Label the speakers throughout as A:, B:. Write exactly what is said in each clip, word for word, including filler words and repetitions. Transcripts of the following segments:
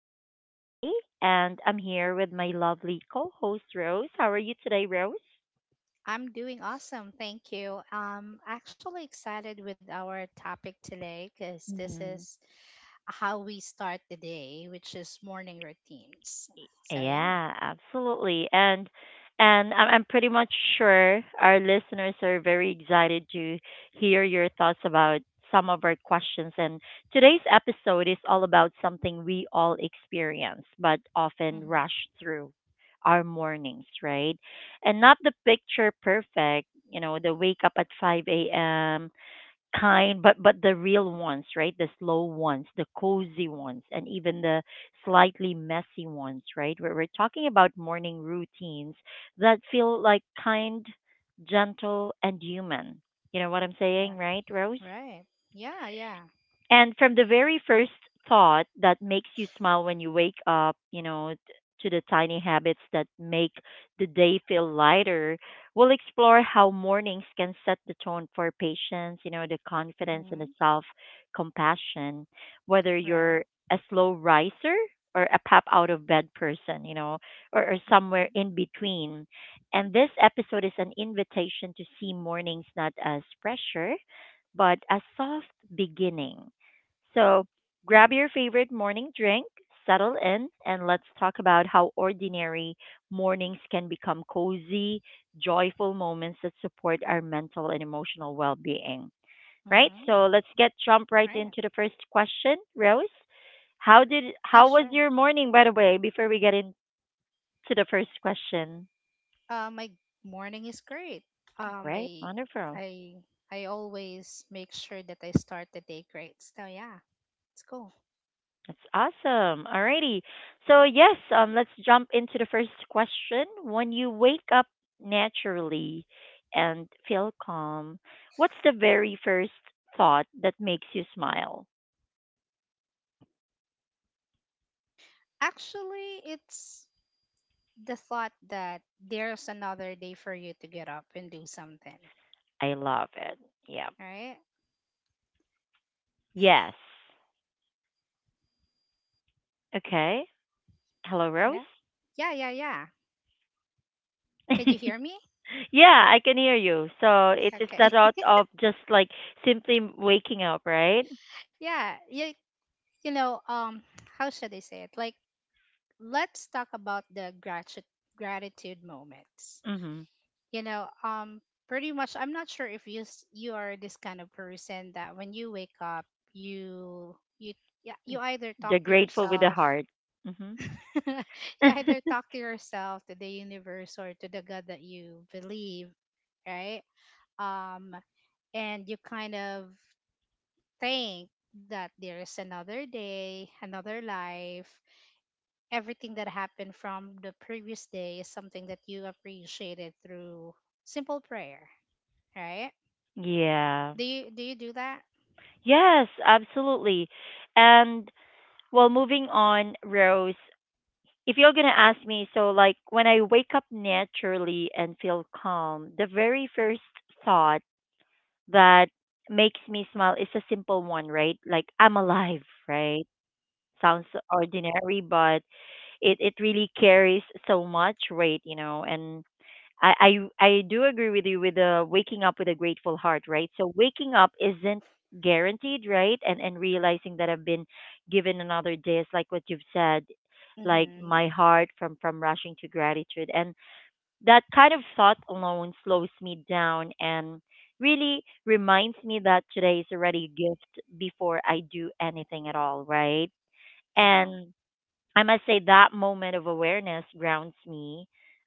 A: I'm M J and I'm here with my lovely co host, Rose. How are you today, Rose?
B: I'm doing awesome. Thank you. I'm actually excited with our topic today, because this is how we start the day, which is morning routines. So, yeah.
A: Yeah, absolutely. And and I'm I'm pretty much sure our listeners are very excited to hear your thoughts about some of our questions. And today's episode is all about something we all experience, but often
B: hmm
A: rush through our mornings, right? And not the picture perfect, you know, the wake up at five a m kind but but the real ones, right? The slow ones, the cozy ones, and even the slightly messy ones, right? We're, we're talking about morning routines that feel like kind, gentle and human. You know what I'm saying,
B: Right.
A: right, Rose?
B: Right. Yeah. Yeah.
A: And from the very first thought that makes you smile when you wake up, you know, t- to the tiny habits that make the day feel lighter, we'll explore how mornings can set the tone for patience, you know, the confidence and the
B: hmm
A: self compassion, whether
B: Right.
A: you're a slow riser or a pop out of bed person, you know, or, or somewhere
B: hmm
A: in between. And this episode is an invitation to see mornings not as pressure, but a soft beginning. So grab your favorite morning drink, settle in, and let's talk about how ordinary mornings can become cozy, joyful moments that support our mental and emotional well being. Right? So
B: hmm
A: let's get jump right
B: Right.
A: into the first question, Rose. How did
B: Yeah,
A: how was
B: sure.
A: your morning, by the way, before we get into the first question?
B: Uh, my morning is great. Um,
A: Great,
B: I,
A: wonderful.
B: I, I always make sure that I start the day great. So, yeah, it's cool.
A: That's awesome. Alrighty. So yes, um, let's jump into the first question. When you wake up naturally and feel calm, what's the very first thought that makes you smile?
B: Actually, it's the thought that there's another day for you to get up and do something,
A: I love it. Yeah.
B: right?
A: Yes. Okay. Hello, Rose.
B: Yeah. Yeah, yeah, yeah. Can you hear me?
A: Yeah, I can hear you. So it's it's that
B: Okay.
A: thought of just like simply waking up, right?
B: Yeah, you, you know, um how should I say it? Like, let's talk about the gratitude gratitude moments.
A: Mm-hmm.
B: You know, um pretty much, I'm not sure if you s- you are this kind of person that when you wake up, you you yeah, you either
A: The
B: talk to
A: grateful with the
B: yourself,
A: heart. Mm-hmm.
B: you either talk to yourself, to the universe, or to the God that you believe, right? Um, and you kind of think that there is another day, another life. Everything that happened from the previous day is something that you appreciated through simple prayer, right?
A: Yeah.
B: Do you do you do that?
A: Yes, absolutely. And well, moving on, Rose, if you're going to ask me, so like when I wake up naturally and feel calm, the very first thought that makes me smile is a simple one, right? Like I'm alive, right? Sounds ordinary, but it, it really carries so much weight, you know, and I, I I do agree with you with the waking up with a grateful heart, right? So waking up isn't guaranteed, right? And and realizing that I've been given another day is like what you've said, like
B: Mm-hmm.
A: my heart from from rushing to gratitude. And that kind of thought alone slows me down and really reminds me that today is already a gift before I do anything at all, right?
B: Yeah.
A: And I must say that moment of awareness grounds me.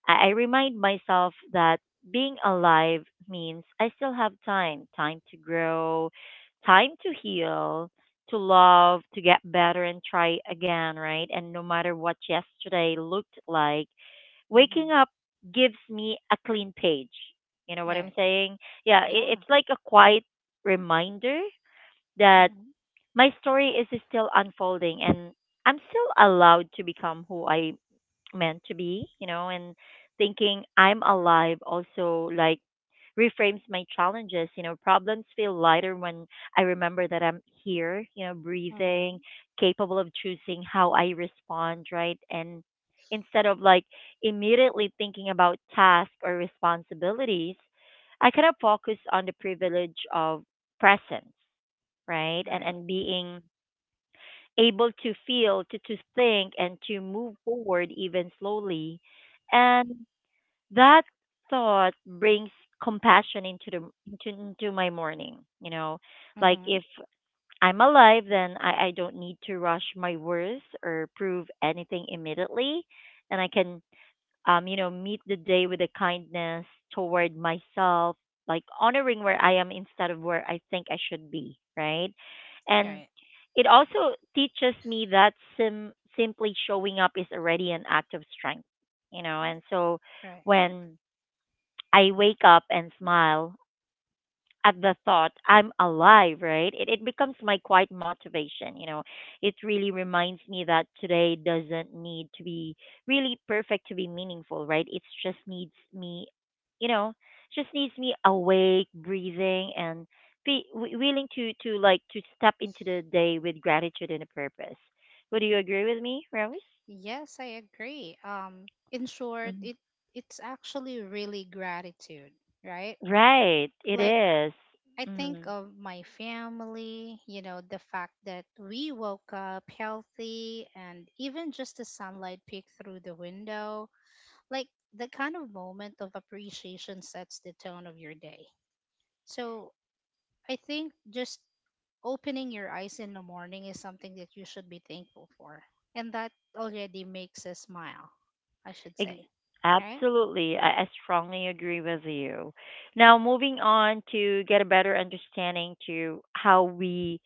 A: I, I remind myself that being alive means I still have time time to grow, time to heal, to love, to get better and try again, right? And no matter what yesterday looked like,
B: Mm-hmm.
A: waking up gives me a clean page. You know what I'm
B: Right.
A: saying? Yeah, it,
B: Yeah.
A: it's like a quiet reminder that
B: Mm-hmm.
A: my story is still unfolding and I'm still allowed to become who I meant to be, you know, and thinking I'm alive also like reframes my challenges, you know, problems feel lighter when I remember that I'm here, you know,
B: Mm-hmm.
A: breathing, capable of choosing how I respond, right? And instead of like immediately thinking about tasks or responsibilities, I kind of focus on the privilege of presence, right? and
B: Right.
A: and being able to feel, to, to think, and to move forward even slowly. And that thought brings compassion into the into, into my morning. You know, like
B: Mm-hmm.
A: if I'm alive, then I, I don't need to rush my words or prove anything immediately, and I can um, you know, meet the day with a kindness toward myself, like honoring where I am instead of where I think I should be, right?
B: Right.
A: And it also teaches me that sim- simply showing up is already an act of strength, you know. And so
B: Right.
A: when I wake up and smile, at the thought I'm alive, right? It it becomes my quiet motivation, you know. It really reminds me that today doesn't need to be really perfect to be meaningful, right? It just needs me, you know, just needs me awake, breathing and be wi- willing to to like to step into the day with gratitude and a purpose. Would you agree with me, Rose?
B: Yes, I agree. Um, in short,
A: Mhm.
B: it it's actually really gratitude, right?
A: Right, it
B: Like,
A: is.
B: I think
A: Mm.
B: of my family, you know, the fact that we woke up healthy and even just the sunlight peek through the window, like, the kind of moment of appreciation sets the tone of your day. So I think just opening your eyes in the morning is something that you should be thankful for. And that already makes us smile, I should
A: Ex-
B: say. All right?
A: Absolutely. I, I strongly agree with you.
B: All
A: Now,
B: right.
A: moving on to get a better understanding to how we,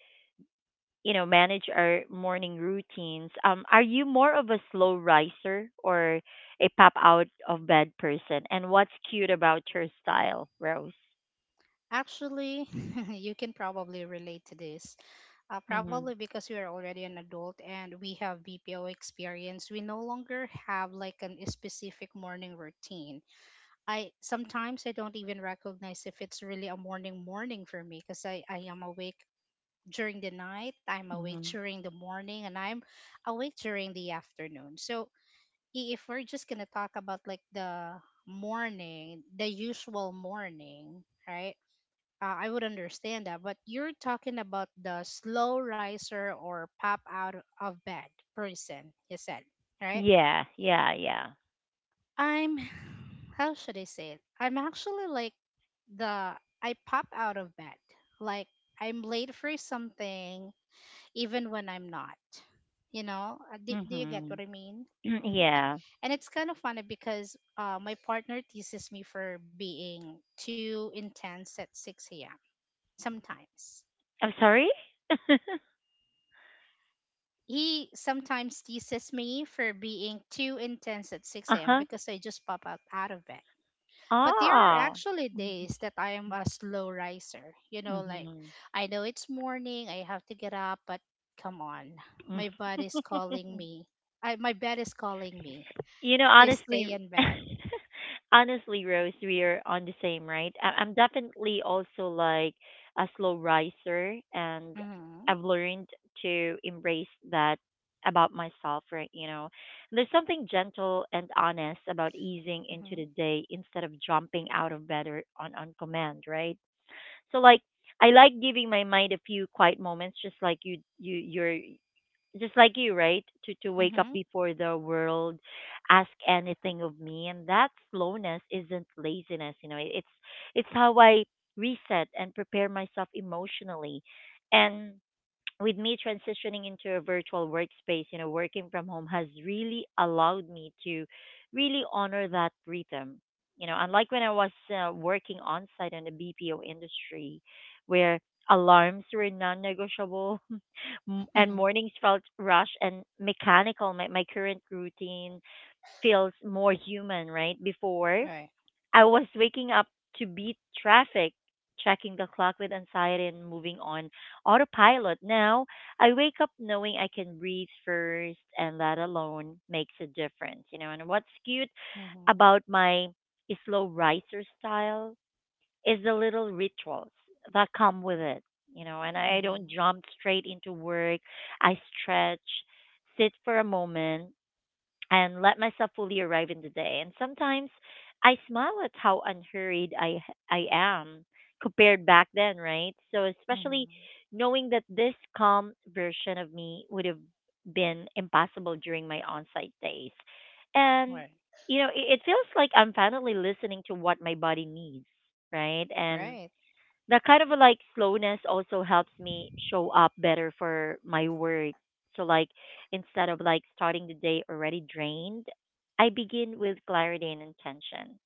A: you know, manage our morning routines. Um, are you more of a slow riser or a pop out of bed person? And what's cute about your style, Rose?
B: Actually, you can probably relate to this. Uh, probably
A: Mhm.
B: because we are already an adult and we have B P O experience, we no longer have like an specific morning routine. I sometimes I don't even recognize if it's really a morning morning for me, because I, I am awake during the night, I'm awake
A: Mhm.
B: during the morning, and I'm awake during the afternoon. So i- if we're just gonna talk about like the morning, the usual morning, right? Uh, I would understand that, but you're talking about the slow riser or pop out of bed person, you said, right?
A: Yeah, yeah, yeah.
B: I'm, how should I say it? I'm actually like the, I pop out of bed. Like, I'm late for something even when I'm not. You know, Uh, do, do you get
A: Mhm.
B: what I mean? Like,
A: Yeah.
B: and it's kind of funny because uh, my partner teases me for being too intense at six a m. Sometimes
A: I'm sorry?
B: he sometimes teases me for being too intense at six a m
A: Uh-huh.
B: because I just pop out out of bed. But there are
A: Oh.
B: actually days that I am a slow riser. You know, like
A: Mhm.
B: I know it's morning, I have to get up, but come on, my body's calling me. I My bed is calling me
A: You know,
B: to
A: honestly,
B: stay in bed.
A: honestly, Rose, we are on the same, right? I- I'm definitely also like a slow riser, and
B: Mm-hmm.
A: I've learned to embrace that about myself, right? You know, there's something gentle and honest about easing into
B: Mm-hmm.
A: the day instead of jumping out of bed or on on command, right? So like. I like giving my mind a few quiet moments, just like you, you, you're just like you, right? To to wake up
B: Mm-hmm.
A: before the world, ask anything of me, and that slowness isn't laziness. You know, it- it's it's how I reset and prepare myself emotionally, and with me transitioning into a virtual workspace, you know, working from home has really allowed me to really honor that rhythm. You know, unlike when I was uh, working on site in the B P O industry, where alarms were non-negotiable m- and
B: Mm-hmm.
A: mornings felt rushed and mechanical. My, my current routine feels more human, right? Before,
B: Right.
A: I was waking up to beat traffic, checking the clock with anxiety, and moving on autopilot. Now, I wake up knowing I can breathe first, and that alone makes a difference, you know. And what's cute
B: Mm-hmm.
A: about my slow riser style is the little rituals that come with it, you know, and I don't
B: Mm-hmm.
A: jump straight into work. I stretch, sit for a moment, and let myself fully arrive in the day. And sometimes I smile at how unhurried I I am compared back then, right? So especially
B: Mm-hmm.
A: knowing that this calm version of me would have been impossible during my on-site days. And
B: Right.
A: you know, it, it feels like I'm finally listening to what my body needs, right? And
B: Right.
A: that kind of a, like slowness also helps me show up better for my work. So like instead of like starting the day already drained, I begin with clarity and intention.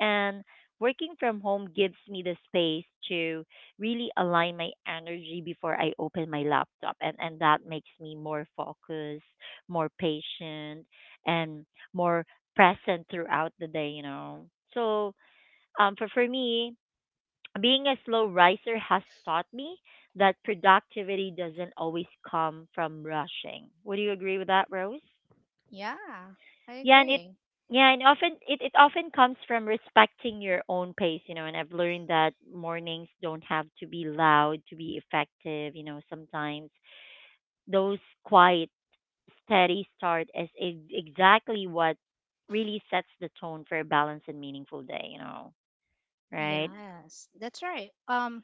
A: And working from home gives me the space to really align my energy before I open my laptop and and that makes me more focused, more patient and more present throughout the day, you know. So um for for me being a slow riser has taught me that productivity doesn't always come from rushing. Would you agree with that, Rose?
B: Yeah, I
A: Yeah, and it
B: agree.
A: yeah, and often it, it often comes from respecting your own pace, you know, and I've learned that mornings don't have to be loud to be effective, you know, sometimes those quiet, steady start is ex- exactly what really sets the tone for a balanced and meaningful day, you know, right?
B: Yes, that's right. Um,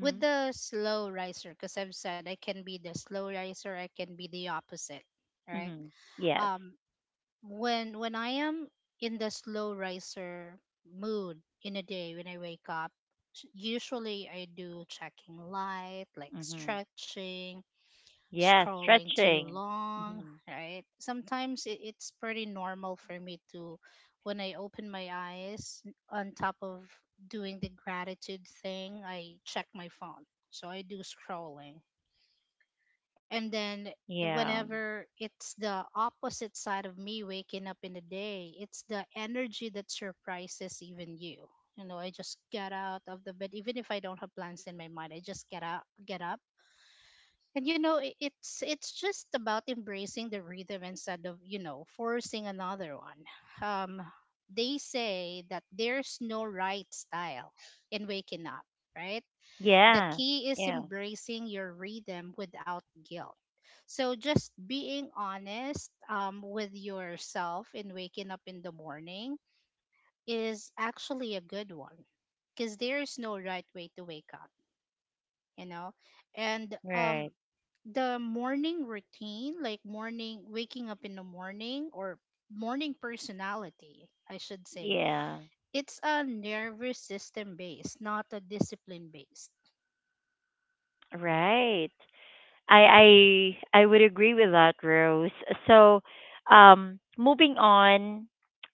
B: with the slow riser, because I've said I can be the slow riser, I can be the opposite, right?
A: Mhm. Yes.
B: Um, when when I am in the slow riser mood, in a day when I wake up, s- usually I do checking light, like
A: Mhm.
B: stretching,
A: Yeah,
B: scrolling too
A: stretching.
B: long,
A: Mhm.
B: right? Sometimes it, it's pretty normal for me to, when I open my eyes, on top of doing the gratitude thing, I check my phone. So I do scrolling. And then
A: Yeah.
B: whenever it's the opposite side of me waking up in the day, it's the energy that surprises even you. You know, I just get out of the bed, even if I don't have plans in my mind. I just get up, get up, and you know i- it's it's just about embracing the rhythm instead of, you know, forcing another one. Um, they say that there's no right style in waking up, right? The
A: Yeah.
B: key is
A: Yeah.
B: embracing your rhythm without guilt. So just being honest um, with yourself in waking up in the morning is actually a good one, because there is no right way to wake up, you know. And
A: Right.
B: um, the morning routine, like morning waking up in the morning, or morning personality I should say,
A: Yeah.
B: it's a nervous system based, not a discipline based.
A: Right. I I I would agree with that, Rose. So, um moving on,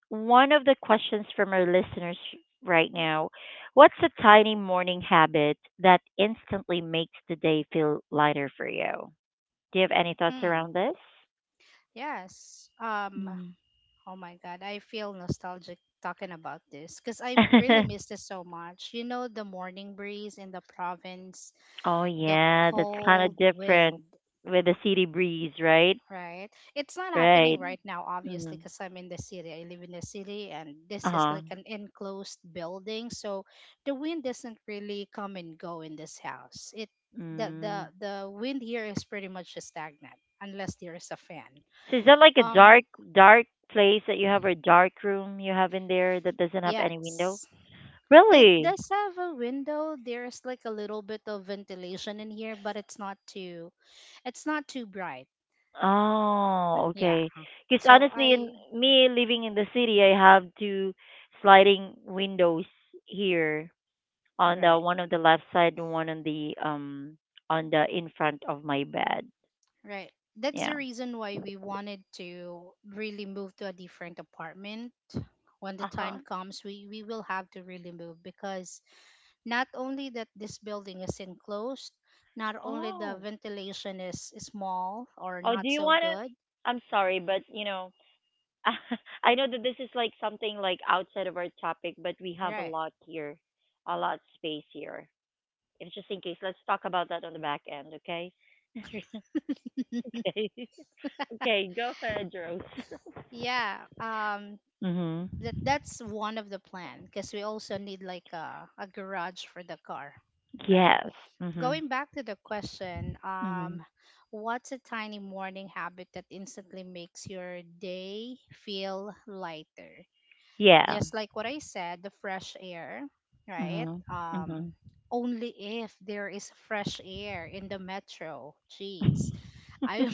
A: one of the questions from our listeners right now, what's a tiny morning habit that instantly makes the day feel lighter for you? Do you have any thoughts around
B: hmm
A: this?
B: yes, um,
A: Mm.
B: oh my God, I feel nostalgic talking about this because I really miss this so much. You know, the morning breeze in the province,
A: Oh
B: the
A: yeah, that's kind
B: cold
A: of different
B: wind,
A: with the city breeze, right?
B: right? It's not happening
A: Right.
B: right now, obviously,
A: Mm.
B: because I'm in the city. I live in the city, and this is
A: Uh-huh.
B: like an enclosed building, so the wind doesn't really come and go in this house. It The the
A: Mm.
B: the wind here is pretty much stagnant unless there is a fan.
A: So is that like a
B: Um,
A: dark dark place that you have or dark room you have in there that doesn't have any window?
B: yes. It
A: Really?
B: does have a window. There's like a little bit of ventilation in here, but it's not too it's not too bright.
A: Oh,
B: Yeah.
A: okay. Because
B: So
A: honestly, in
B: I
A: me living in the city, I have two sliding windows here on the
B: Right,
A: one on the left side and one on the um on the in front of my bed.
B: right. That's
A: Yeah.
B: the reason why we wanted to really move to a different apartment. When the
A: Uh-huh.
B: time comes, we we will have to really move because not only that this building is enclosed, not only the
A: Oh.
B: ventilation is small or
A: Oh, do
B: not
A: you
B: so
A: wanna?
B: good.
A: I'm sorry, but you know, I know that this is like something like outside of our topic, but we have a
B: Right.
A: lot here, a lot space here. If just in case, let's talk about that on the back end, okay? Okay. Okay, go ahead, Rose.
B: Yeah. Um,
A: Mhm.
B: that that's one of the plan because we also need like a, a garage for the car, right?
A: Yes. Mhm.
B: Going back to the question, um,
A: Mhm.
B: what's a tiny morning habit that instantly makes your day feel lighter?
A: Yeah.
B: Just like what I said, the fresh air, right?
A: Mhm.
B: Um,
A: Mhm.
B: only if there is fresh air in the metro, jeez. I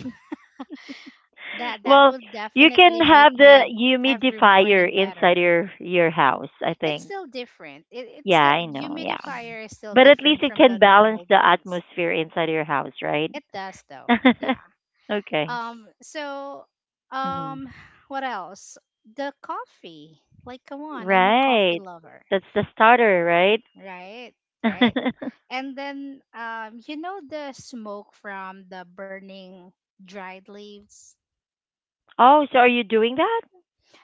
B: That that
A: Well,
B: will
A: you can
B: definitely make
A: have the
B: my every
A: humidifier
B: morning
A: inside
B: better.
A: your your house, I
B: It's
A: think.
B: still different. It, it's
A: Yeah,
B: still
A: I know. Yeah.
B: Humidifier is still
A: But at least
B: different
A: it
B: from
A: can
B: the
A: balance
B: normal
A: the
B: grays.
A: atmosphere inside your house, right?
B: It does though. Yeah.
A: Okay.
B: Um. So,
A: Hmm.
B: um, what else? The coffee. Like, come on, I'm a coffee
A: Right.
B: lover.
A: That's the starter, right?
B: Right. Right. And then, um, you know, the smoke from the burning dried leaves.
A: Oh, so are you doing that?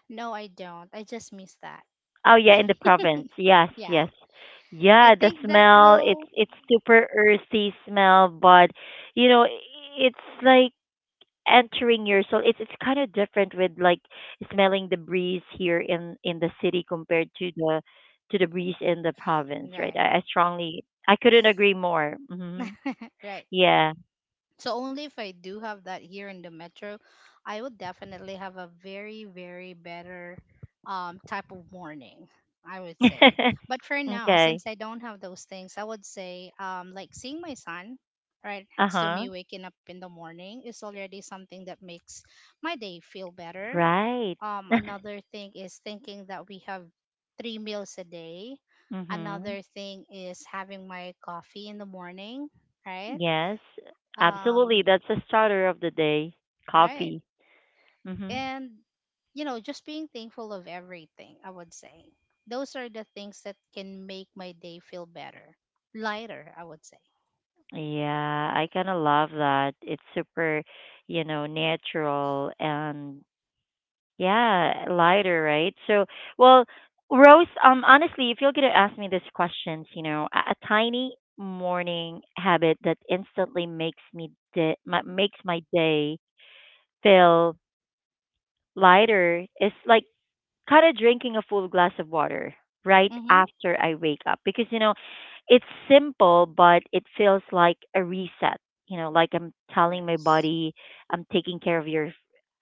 B: No, I don't. I just miss that.
A: Oh, yeah, in the province. Yes,
B: Yeah.
A: yes.
B: I
A: Yeah, the
B: think that
A: smell, it's
B: will.
A: it's super earthy smell, but you know, it's like entering your soul, it's it's kind of different with like smelling the breeze here in in the city compared to the to the breeze in the province, right?
B: Right.
A: I, I strongly i couldn't agree more. Hmm,
B: Right.
A: yeah.
B: So only if I do have that here in the metro, I would definitely have a very, very better um, type of morning, I would say. But for now,
A: Okay.
B: since I don't have those things, I would say um, like seeing my son right next to
A: Uh-huh.
B: me waking up in the morning is already something that makes my day feel better.
A: Right.
B: Um, another thing is thinking that we have three meals a day.
A: Mhm.
B: Another thing is having my coffee in the morning, right?
A: Yes,
B: Um,
A: absolutely, that's the starter of the day.
B: right,
A: Coffee. Mhm.
B: and you know, just being thankful of everything, I would say. Those are the things that can make my day feel better, lighter, I would say.
A: Yeah, I kind of love that, it's super, you know, natural, and yeah, lighter, right? So, well, Rose, um, honestly, if you're gonna ask me these questions, you know, a, a tiny morning habit that instantly makes me de- ma- makes my day feel lighter is like kind of drinking a full glass of water right
B: Mm-hmm.
A: after I wake up, because you know, it's simple but it feels like a reset, you know. Like I'm telling my
B: Yes.
A: body I'm taking care of your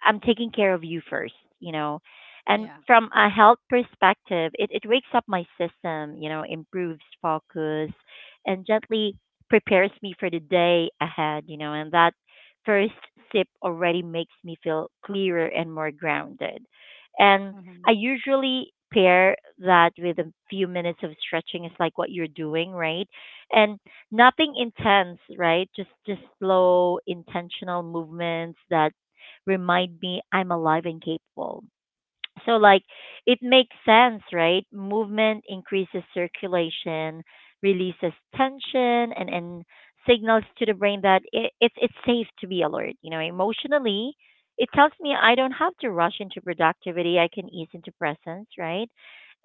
A: I'm taking care of you first, you know. And
B: Yeah.
A: from a health perspective, it it wakes up my system, you know, improves focus and gently prepares me for the day ahead, you know, and that first sip already makes me feel clearer and more grounded. And I
B: Mm-hmm.
A: usually pair that with a few minutes of stretching. It's like what you're doing, right? And nothing intense, right? Just just slow, intentional movements that remind me I'm alive and capable. So like, it makes sense, right? Movement increases circulation, releases tension, and, and signals to the brain that it, it's it's safe to be alert. You know, emotionally, it tells me I don't have to rush into productivity. I can ease into presence, right?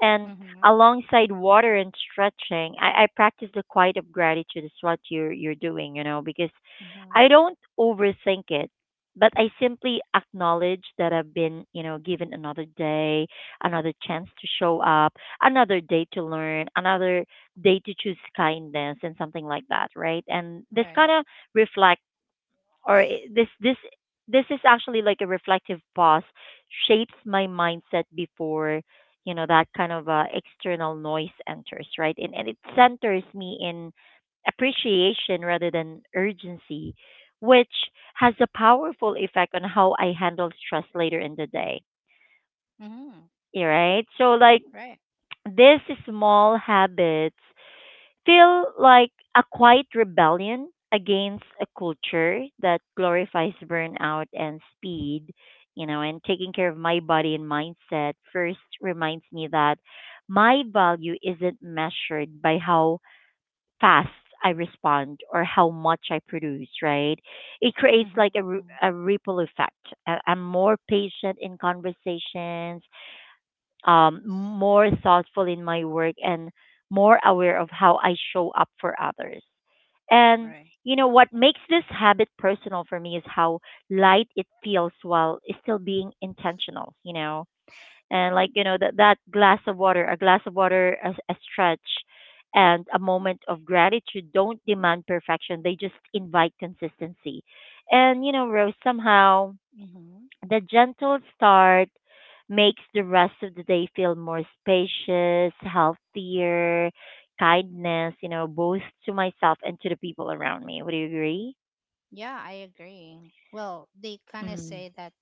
A: And
B: Mm-hmm.
A: alongside water and stretching, I, I practice the quiet of gratitude is what you're you're doing, you know, because
B: Mm-hmm.
A: I don't overthink it, but I simply acknowledge that I've been, you know, given another day, another chance to show up, another day to learn, another day to choose kindness and something like that, right? And this kind
B: Right.
A: of reflect or I- this this this is actually like a reflective pause, shapes my mindset before, you know, that kind of uh, external noise enters, right? And, and it centers me in appreciation rather than urgency, which has a powerful effect on how I handle stress later in the day.
B: Mm-hmm.
A: Yeah, right? So, like,
B: Right.
A: these small habits feel like a quiet rebellion against a culture that glorifies burnout and speed. You know, and taking care of my body and mindset first reminds me that my value isn't measured by how fast I respond or how much I produce, right? It creates
B: Mm-hmm.
A: like a, r- a ripple effect. I- I'm more patient in conversations, um, more thoughtful in my work, and more aware of how I show up for others. And
B: Right.
A: you know what makes this habit personal for me is how light it feels while still being intentional, you know. And like, you know, that that glass of water a glass of water, a, a stretch, and a moment of gratitude don't demand perfection, they just invite consistency. And you know, Rose, somehow
B: Mm-hmm.
A: the gentle start makes the rest of the day feel more spacious, healthier, kindness, you know, both to myself and to the people around me, would you agree?
B: Yeah, I agree. Well, they kind of say that,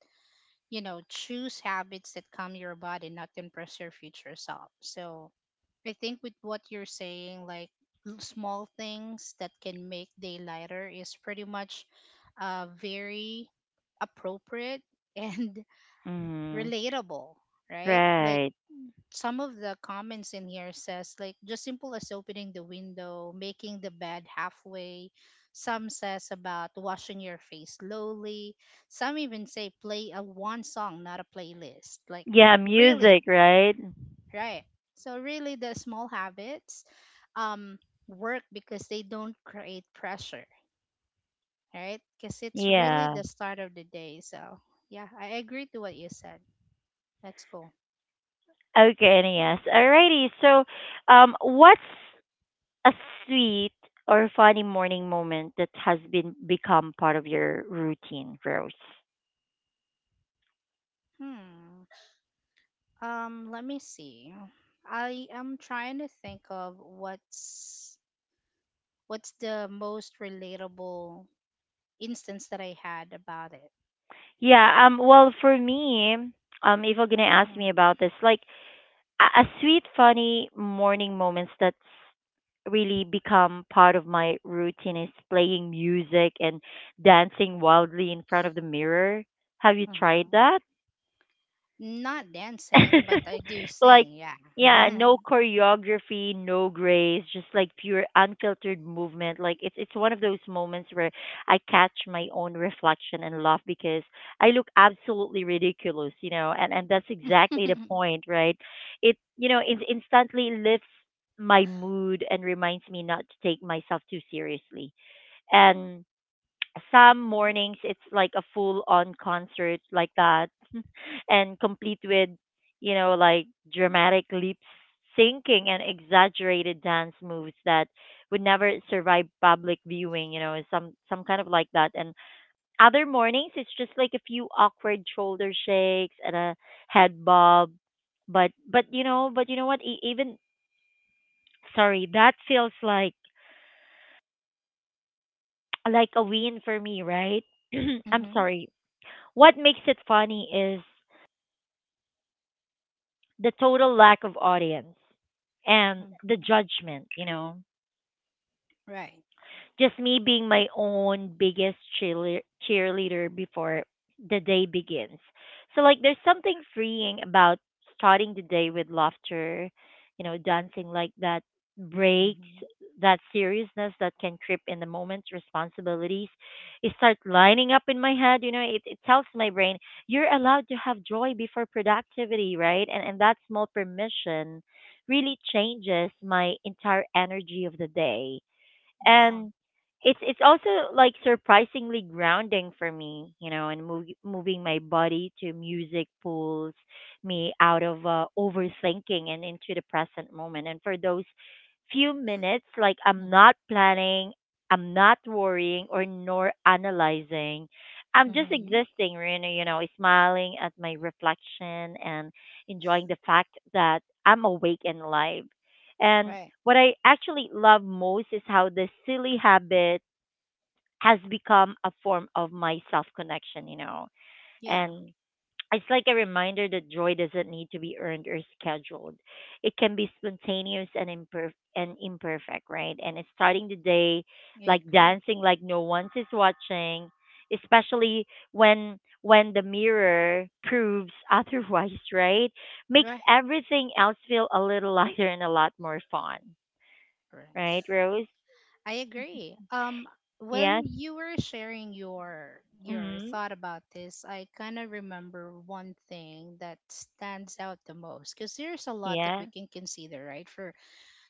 B: you know, choose habits that calm your body, not impress your future self. So I think with what you're saying, like, l- small things that can make day lighter is pretty much uh, very appropriate and
A: Mm-hmm.
B: relatable, right? Like
A: Right.
B: some of the comments in here says like, just simple as opening the window, making the bed halfway. Some says about washing your face slowly. Some even say play a one song, not a playlist. Like,
A: Yeah,
B: really.
A: music, right?
B: Right. So really the small habits um, work because they don't create pressure, right? Because it's really
A: Yeah.
B: the start of the day. So yeah, I agree to what you said. That's cool.
A: Okay, yes. Alrighty. So, um, what's a sweet or funny morning moment that has been become part of your routine, Rose?
B: Hmm. Um, let me see. I am trying to think of what's what's the most relatable instance that I had about it.
A: Yeah. Um. Well, for me, um, if you're gonna ask me
B: Hmm.
A: about this, like a, a sweet, funny morning moments that's really become part of my routine is playing music and dancing wildly in front of the mirror. Have you tried
B: hmm
A: that?
B: Not dancing, but I do
A: Like
B: sing, yeah.
A: yeah, no choreography, no grace, just like pure unfiltered movement. Like it's it's one of those moments where I catch my own reflection and laugh because I look absolutely ridiculous, you know, and and that's exactly the point, right? It you know, it instantly lifts my mood and reminds me not to take myself too seriously. And some mornings it's like a full on concert like that, and complete with, you know, like, dramatic lip syncing and exaggerated dance moves that would never survive public viewing, you know, some some kind of like that. And other mornings it's just like a few awkward shoulder shakes and a head bob. But but you know, but you know what E- even, sorry, that feels like like a win for me, right? I'm
B: hmm
A: sorry. What makes it funny is the total lack of audience and the
B: Mhm.
A: judgment, you know.
B: Right.
A: Just me being my own biggest cheerle- cheerleader before the day begins. So, like, there's something freeing about starting the day with laughter, you know. Dancing like that breaks
B: hmm
A: that seriousness that can creep in the moment responsibilities it starts lining up in my head, you know. It, it tells my brain you're allowed to have joy before productivity, right? And and that small permission really changes my entire energy of the day.
B: Wow.
A: And it's it's also like surprisingly grounding for me, you know. And move, moving my body to music pulls me out of uh, overthinking and into the present moment. And for those few minutes, like I'm not planning, I'm not worrying or nor analyzing. I'm just
B: Mm-hmm.
A: existing, really, you know, smiling at my reflection and enjoying the fact that I'm awake and alive. And
B: Right.
A: what I actually love most is how this silly habit has become a form of my self connection, you know.
B: Yeah,
A: And it's like a reminder that joy doesn't need to be earned or scheduled. It can be spontaneous and imperf- and imperfect, right? And it's starting the day like
B: I agree.
A: dancing like no one's is watching, especially when when the mirror proves otherwise, right? Makes
B: Right.
A: everything else feel a little lighter and a lot more fun,
B: Right.
A: right, Rose?
B: I agree. Um,
A: Yes.
B: when you were sharing your your
A: Mm-hmm.
B: thought about this, I kind of remember one thing that stands out the most, because there's a lot that
A: Yeah.
B: we can consider, right? For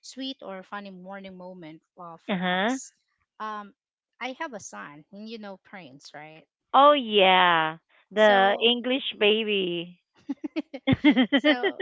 B: sweet or funny morning moment uh,
A: Uh
B: for
A: huh.
B: us. Um, I have a son, and you know Prince, right?
A: Oh yeah, the
B: So,
A: English baby.
B: so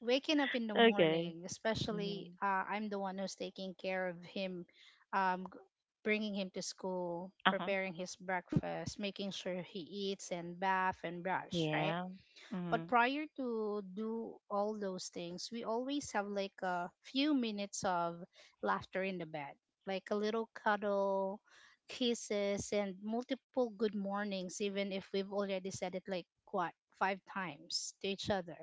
B: waking up in the
A: Okay.
B: morning, especially
A: Mm-hmm.
B: uh, I'm the one who's taking care of him, um, g- bringing him to school,
A: Uh huh.
B: preparing his breakfast, making sure he eats and bath and brush, right?
A: Yeah. Mm-hmm.
B: But prior to do all those things, we always have like a few minutes of laughter in the bed, like a little cuddle, kisses, and multiple good mornings, even if we've already said it like, what, five times to each other.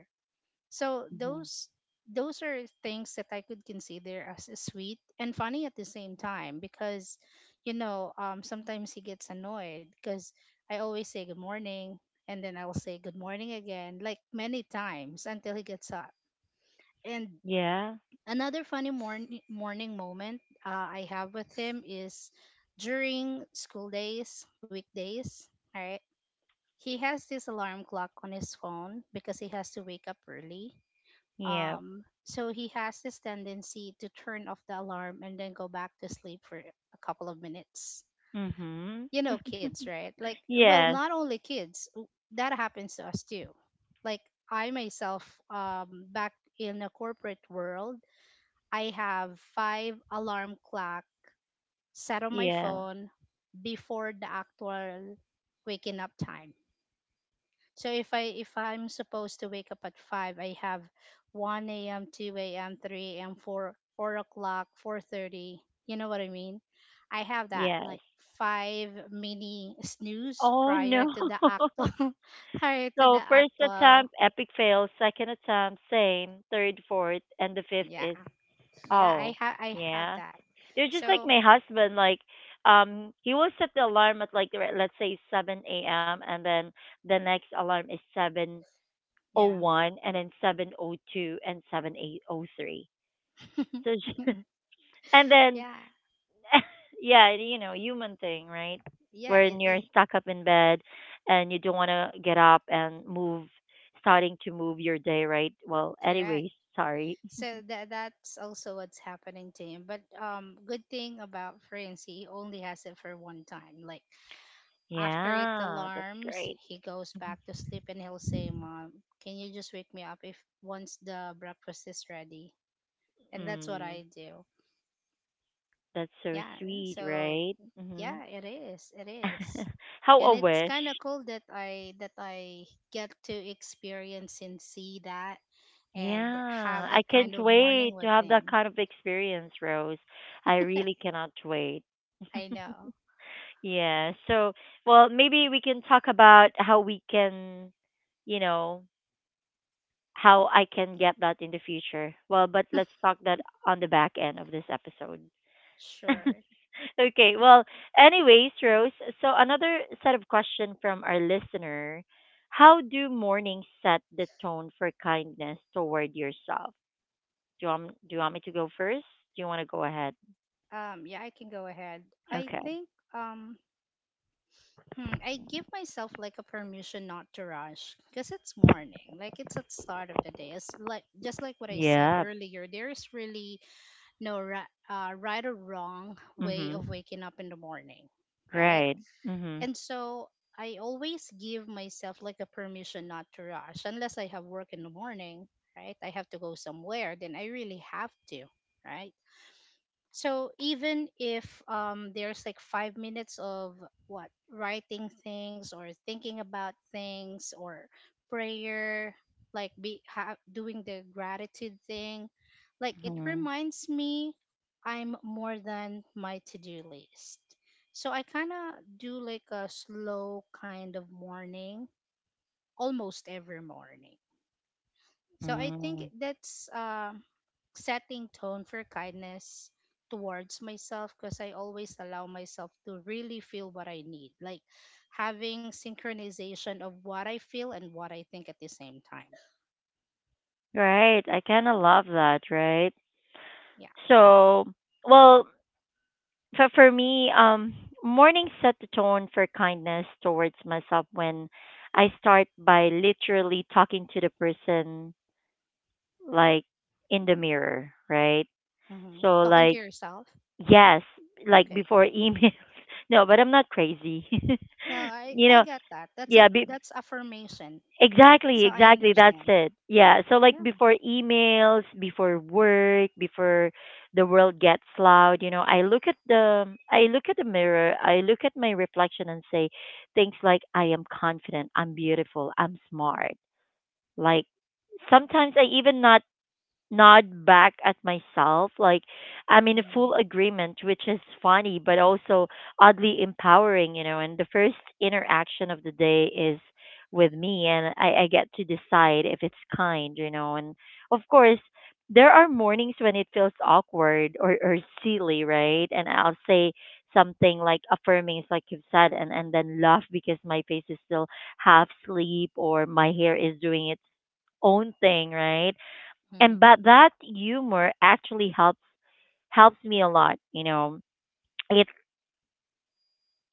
B: So
A: Mm-hmm.
B: those those are things that I could consider as sweet and funny at the same time because, you know, um, sometimes he gets annoyed because I always say good morning and then I'll say good morning again, like many times until he gets up. And
A: Yeah.
B: another funny morning morning moment uh, I have with him is during school days, weekdays, all right? He has this alarm clock on his phone because he has to wake up early,
A: Yeah.
B: um, so he has this tendency to turn off the alarm and then go back to sleep for a couple of minutes.
A: Mm-hmm.
B: You know, kids, right? Like, well,
A: Yes.
B: not only kids, w- that happens to us too. Like, I myself, um, back in the corporate world, I have five alarm clock set on my
A: Yeah.
B: phone before the actual waking up time. So if I if I'm supposed to wake up at five, I have one a m, two a m, three a m, four four o'clock, four thirty. You know what I mean? I have that
A: Yes.
B: like five mini snooze
A: Oh no.
B: prior to the actual prior to the
A: So first
B: actual.
A: attempt, epic fail. Second attempt, same. Third, fourth, and the fifth
B: Yeah,
A: is
B: yeah,
A: oh
B: I have I have
A: yeah.
B: that.
A: You're just like
B: So
A: my husband. Like, um, he will set the alarm at like re- let's say seven a m, and then the next alarm is seven o
B: yeah,
A: one, and then seven o two and seven eight o three. So, j- and then
B: yeah,
A: yeah, you know, human thing, right?
B: yeah. It,
A: When you're
B: it
A: stuck up in bed and you don't want to get up and move, starting to move your day, right? Well,
B: correct.
A: anyways, sorry.
B: So that that's also what's happening to him. But um, good thing about Prince, he only has it for one time. Like after it
A: Yeah, that's
B: alarms,
A: great.
B: he goes
A: Mm-hmm.
B: back to sleep and he'll say, "Mom, can you just wake me up if once the breakfast is ready?" And that's what
A: Mm.
B: I do.
A: That's so
B: Yeah.
A: sweet,
B: So
A: right? Mm-hmm.
B: yeah, it is. It is.
A: How
B: And
A: a
B: it's
A: wish.
B: kind of cool that I that I get to experience and see that and
A: Yeah,
B: have
A: I
B: that
A: can't
B: kind of morning
A: wait to
B: with
A: have that
B: him.
A: kind of experience, Rose. I really cannot wait.
B: I know.
A: Yeah, so well, maybe we can talk about how we can, you know, how I can get that in the future. Well, but let's talk that on the back end of this episode.
B: Sure.
A: Okay. Well, anyways, Rose, so another set of question from our listener. How do mornings set the tone for kindness toward yourself? Do you want, do you want me to go first? Do you want to go ahead?
B: Um, yeah, I can go ahead. I
A: Okay.
B: think um, hmm, I give myself like a permission not to rush because it's morning. Like it's at start of the day. It's like just like what I said
A: Yeah.
B: earlier. There is really no ri- uh, right or wrong way of
A: Mhm.
B: waking up in the morning, right?
A: Right. Mhm.
B: And so I always give myself like a permission not to rush unless I have work in the morning, right? I have to go somewhere. Then I really have to, right? So even if, um, there's like five minutes of what writing things or thinking about things, or prayer, like be ha- doing the gratitude thing, like it
A: Mhm.
B: reminds me I'm more than my to-do list. So I kind of do like a slow kind of morning almost every morning. So I think
A: Mm.
B: that's uh, setting tone for kindness towards myself, because I always allow myself to really feel what I need, like having synchronization of what I feel and what I think at the same time.
A: Right. I kind of love that, right?
B: Yeah.
A: So, well, so for me, um, morning set the tone for kindness towards myself when I start by literally talking to the person like in the mirror, right?
B: hmm
A: So
B: Talking to
A: like,
B: yourself.
A: yes, like
B: Okay.
A: before emails. No, but I'm not crazy.
B: No, I,
A: You
B: I
A: know,
B: get that. That's a
A: yeah, be,
B: that's affirmation.
A: exactly,
B: So I
A: exactly. That's
B: understand.
A: it. Yeah. So like
B: Yeah.
A: before emails, before work, before the world gets loud, you know, I look at the I look at the mirror, I look at my reflection and say things like I am confident, I'm beautiful, I'm smart. Like sometimes I even not nod back at myself. Like I'm in a full
B: Mm-hmm.
A: agreement, which is funny, but also oddly empowering, you know. And the first interaction of the day is with me, and I, I get to decide if it's kind, you know. And of course, there are mornings when it feels awkward or, or silly, right? And I'll say something like affirming, it's like you've said, and, and then laugh because my face is still half sleep or my hair is doing its own thing, right? And
B: Mm-hmm.
A: but that humor actually helps helps me a lot, you know. It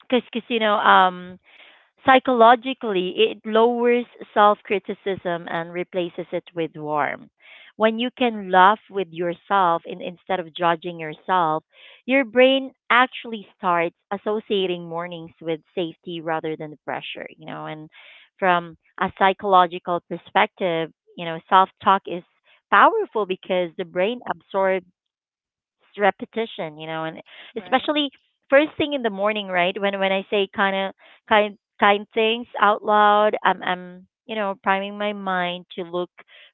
A: Because because you know, um psychologically, it lowers self criticism and replaces it with warmth. When you can laugh with yourself in, instead of judging yourself, your brain actually starts associating mornings with safety rather than pressure, you know. And from a psychological perspective, you know, self talk is powerful because the brain absorbs it's repetition, you know, and
B: Right.
A: especially first thing in the morning, right? When when I say kind of kind kind things out loud, I'm I'm you know priming my mind to look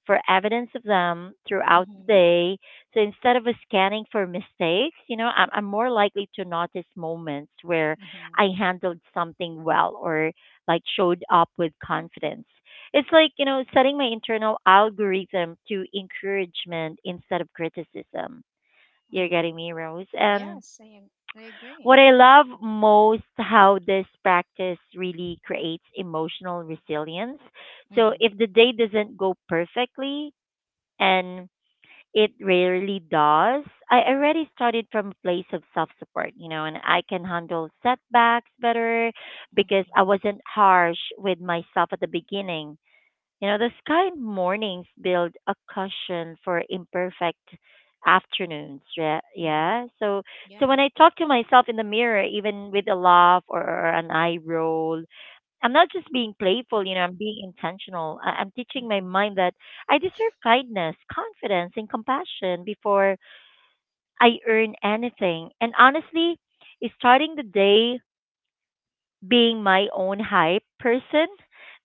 A: for evidence of them throughout the
B: Mm-hmm.
A: day. So instead of scanning for mistakes, you know, I'm I'm more likely to notice moments where
B: Mm-hmm.
A: I handled something well or like showed up with confidence. It's like, you know, setting my internal algorithm to encouragement instead of criticism. You're
B: Mm-hmm.
A: getting me, Rose. And
B: Yes, I, ag- I agree.
A: what I love most how this practice really creates emotional resilience. So
B: Mm-hmm.
A: if the day doesn't go perfectly, and it rarely does, I already started from a place of self support, you know, and I can handle setbacks better
B: Mm-hmm.
A: because I wasn't harsh with myself at the beginning. You know, the sky in mornings build a cushion for imperfect afternoons. Yeah,
B: Hmm.
A: yeah. So, so when
B: Yeah.
A: I talk to myself in the mirror, even with a laugh or, or an eye roll, I'm not just being playful. You know, I'm being intentional. I, I'm teaching my
B: Hmm.
A: mind that I deserve kindness, confidence, and compassion before I earn anything. And honestly, starting the day being my own hype person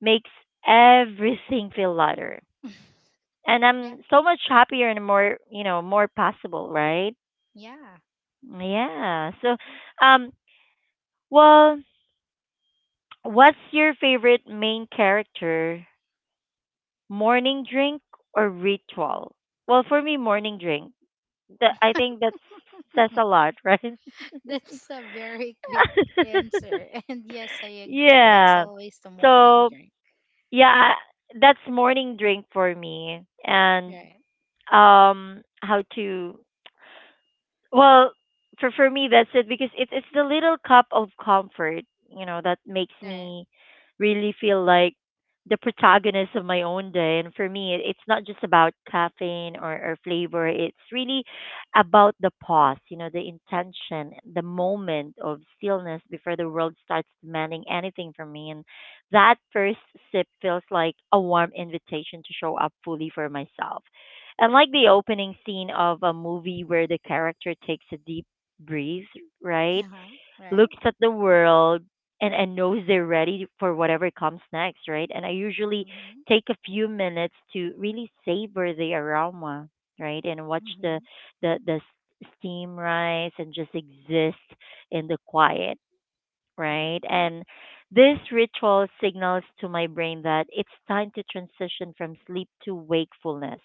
A: makes everything feel lighter and
B: Yeah.
A: I'm so much happier and more, you know, more possible, right?
B: Yeah.
A: Yeah. So, um, well, what's your favorite main character? Morning drink or ritual? Well, for me, morning drink. That I think that says a lot, right?
B: That's a very quick answer. And yes, I agree. It's
A: Yeah.
B: always the morning
A: So,
B: drink.
A: yeah, that's morning drink for me, and
B: Right.
A: um, how to Well, for for me that's it because it's it's the little cup of comfort, you know, that makes
B: Right.
A: me really feel like the protagonist of my own day. And for me, it, it's not just about caffeine or, or flavor. It's really about the pause, you know, the intention, the moment of stillness before the world starts demanding anything from me. And that first sip feels like a warm invitation to show up fully for myself. And like the opening scene of a movie where the character takes a deep breath, right?
B: Uh-huh. Right.
A: Looks at the world and, and knows they're ready for whatever comes next, right? And I usually
B: Mm-hmm.
A: take a few minutes to really savor the aroma, right? And watch the
B: Mm-hmm.
A: the, the s- steam rise and just exist in the quiet, right?
B: Right.
A: And this ritual signals to my brain that it's time to transition from sleep to wakefulness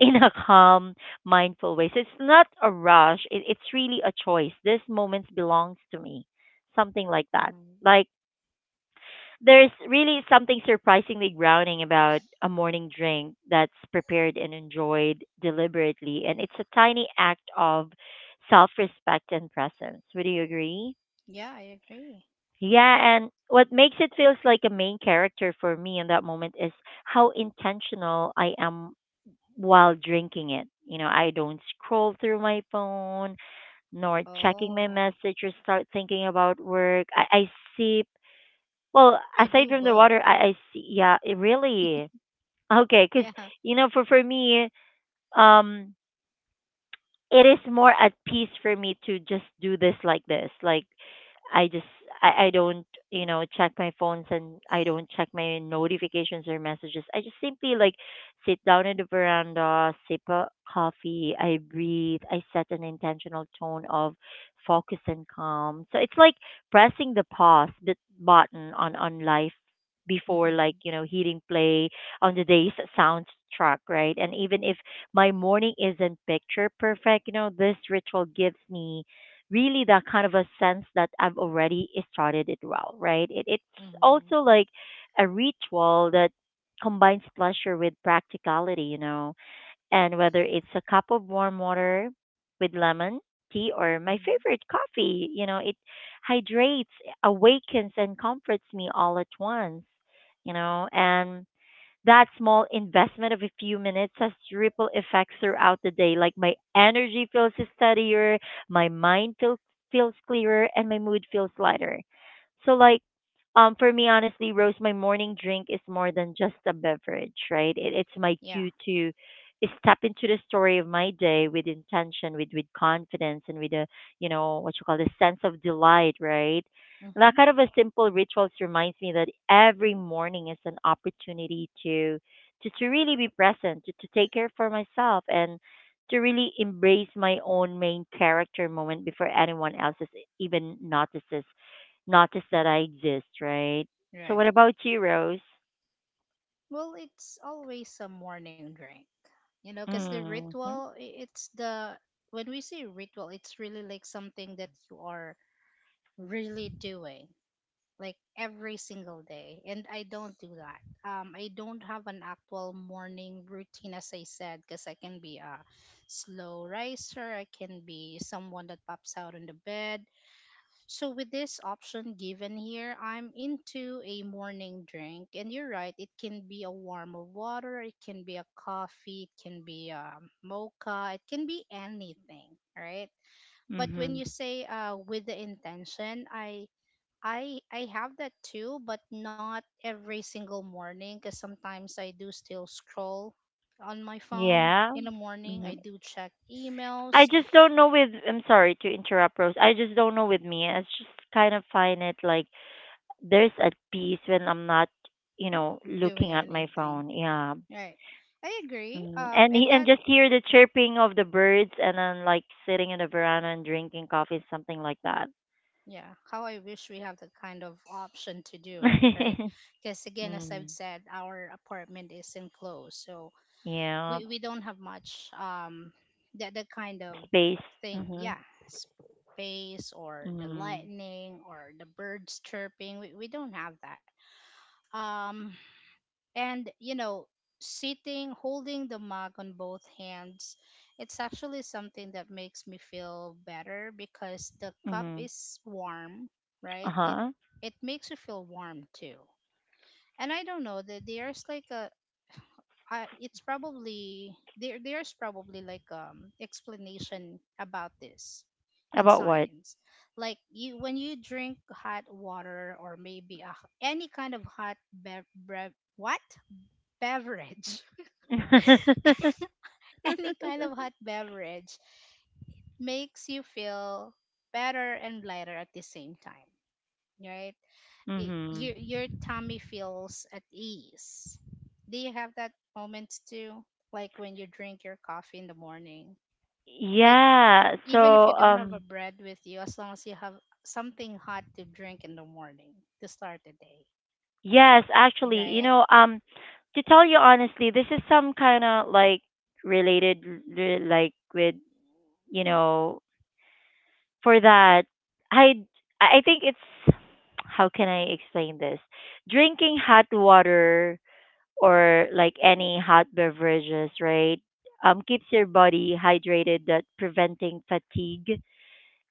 A: in a calm, mindful way. So it's not a rush. It, it's really a choice. This moment belongs to me. Something like that.
B: Mm-hmm.
A: Like there's really something surprisingly grounding about a morning drink that's prepared and enjoyed deliberately. And it's a tiny act of self respect and presence. Would you agree?
B: Yeah, I agree.
A: Yeah, and what makes it feels like a main character for me in that moment is how intentional I am while drinking it. You know, I don't scroll through my phone nor checking my
B: Oh,
A: message or start thinking about work. I, I sip. Well,
B: I
A: aside
B: do
A: from the
B: both.
A: water, I, I see. Yeah, it really. Okay, because
B: Yeah.
A: you know, for for me, um, it is more at peace for me to just do this like this. Like I just I, I don't, you know, check my phones and I don't check my notifications or messages. I just simply like sit down in the veranda, sip a coffee, I breathe, I set an intentional tone of focus and calm. So it's like pressing the pause bit- button on on life before like,
B: Mm-hmm.
A: you know, hitting play on the day's soundtrack, right? And even if my morning isn't picture perfect. You know, this ritual gives me really that kind of a sense that I've already started it well, right? It, it's also
B: Mm-hmm.
A: like a ritual that combines pleasure with practicality, you know, and whether it's a cup of warm water with lemon tea or my
B: Mm-hmm.
A: favorite coffee, you know, it hydrates, awakens, and comforts me all at once, you know, and that small investment of a few minutes has ripple effects throughout the day. Like my energy feels steadier, my mind feels feels clearer, and my mood feels lighter. So like um for me honestly, Rose, my morning drink is more than just a beverage, right? It, it's my
B: Yeah.
A: cue to step into the story of my day with intention, with with confidence and with a you know, what you call the sense of delight, right? That
B: Mm-hmm.
A: kind of a simple rituals reminds me that every morning is an opportunity to to, to really be present, to, to take care for myself and to really embrace my own main character moment before anyone else is even notices notice that I exist, right? So
B: Right.
A: what about you, Rose?
B: Well, it's always a morning drink. You know, because the
A: Mm-hmm.
B: ritual, i- it's the, when we say ritual, it's really like something that you are really doing like every single day, and I don't do that. um I don't have an actual morning routine, as I said, because I can be a slow riser, I can be someone that pops out on the bed. So with this option given here, I'm into a morning drink, and you're right. It can be a warm of water, it can be a coffee, it can be a mocha, it can be anything, right? But when
A: Mm-hmm.
B: you say, uh, with the intention, I I I have that too, but not every single morning, because sometimes I do still scroll on my phone
A: Yeah.
B: in the morning. I
A: Mm-hmm.
B: do check
A: I
B: emails,
A: just don't know with I'm sorry to interrupt Rose. I just don't know with me. I just kind of find it like there's a peace when I'm not, you know,
B: doing
A: looking at my
B: anything,
A: phone. Yeah.
B: right? I agree.
A: Mm.
B: Um,
A: And he,
B: and
A: and
B: that.
A: just hear the chirping of the birds and then like sitting in the veranda and drinking coffee, something like that.
B: Yeah, how I wish we have the kind of option to do, right? Because again, as I've
A: Mm-hmm.
B: said, our apartment is enclosed, so
A: Yeah.
B: we, we don't have much, um that that kind of
A: Space.
B: thing.
A: Mm-hmm.
B: Yeah, space or the
A: Mm.
B: lightning or the birds chirping, we, we don't have that. Um, and you know sitting holding the mug on both hands, it's actually something that makes me feel better because the cup
A: Mhm.
B: is warm, right? it
A: Uh-huh.
B: it makes you feel warm too. And I don't know, that there's like a, I, it's probably, there there's probably like, um explanation about this in
A: About what?
B: science. Like you when you drink hot water, or maybe a, h- any kind of hot bev, brev, what beverage, any kind of hot beverage, makes you feel better and lighter at the same time, right? It,
A: Mhm.
B: your your tummy feels at ease. Do you have that moments too? Like when you drink your coffee in the morning, like
A: Yeah. So,
B: even if you don't have a
A: um
B: bread with you, as long as you have something hot to drink in the morning to start the day,
A: yes, actually, you
B: right?
A: know, um to tell you honestly, this is some kind of like related re- like with, you know, for that I I think it's how can I explain this? Drinking hot water or like any hot beverages, right? Um keeps your body hydrated that preventing fatigue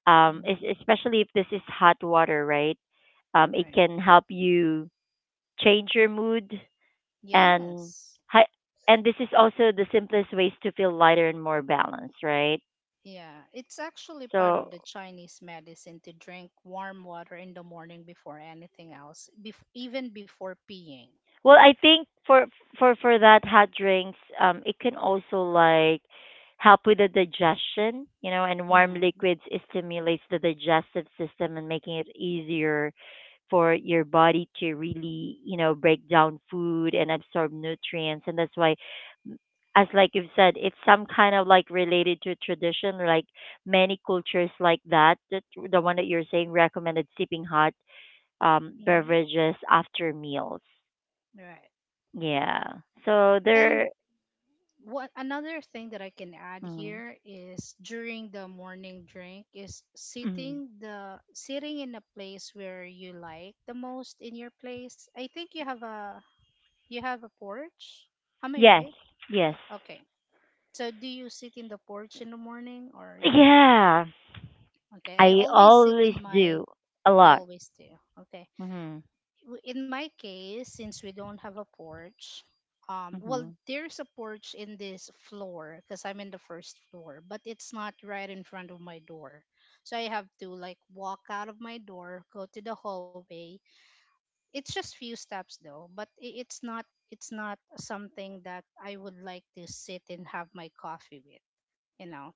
A: um,
B: Hmm.
A: es- especially if this is hot water, right? Um, it
B: Right.
A: can help you change your mood and
B: Yes.
A: hi- and this is also the simplest ways to feel lighter and more balanced, right?
B: Yeah, it's actually part of
A: So
B: the Chinese medicine to drink warm water in the morning before anything else, bef- even before peeing.
A: well, I think for for for that hot drinks, um, it can also like help with the digestion, you know, and warm
B: Mm-hmm.
A: liquids it stimulates the digestive system and making it easier for your body to really, you know, break down food and absorb nutrients. And that's why, as
B: Right.
A: like you've said, it's some kind of like related to tradition, like many cultures like that. That the one that you're saying recommended sipping hot um,
B: Mm-hmm.
A: beverages after meals.
B: Right.
A: Yeah. So there.
B: And what another thing that I can add
A: Mm,
B: here is, during the morning drink, is
A: mm.
B: sitting, the sitting in a place where you like the most in your place. I think you have a, you have a porch. Am I
A: Yes.
B: right?
A: Yes.
B: Okay. So do you sit in the porch in the morning, or you don't?
A: Yeah.
B: Okay, I
A: I
B: always sit
A: always
B: in my,
A: do a
B: you
A: lot.
B: always do. Okay.
A: Mhm.
B: W- In my case, since we don't have a porch, um, well,
A: Mhm.
B: there's a porch in this floor because I'm in the first floor, but it's not right in front of my door. So I have to like walk out of my door, go to the hallway. It's just few steps though, but i- it's not it's not something that I would like to sit and have my coffee with, you know.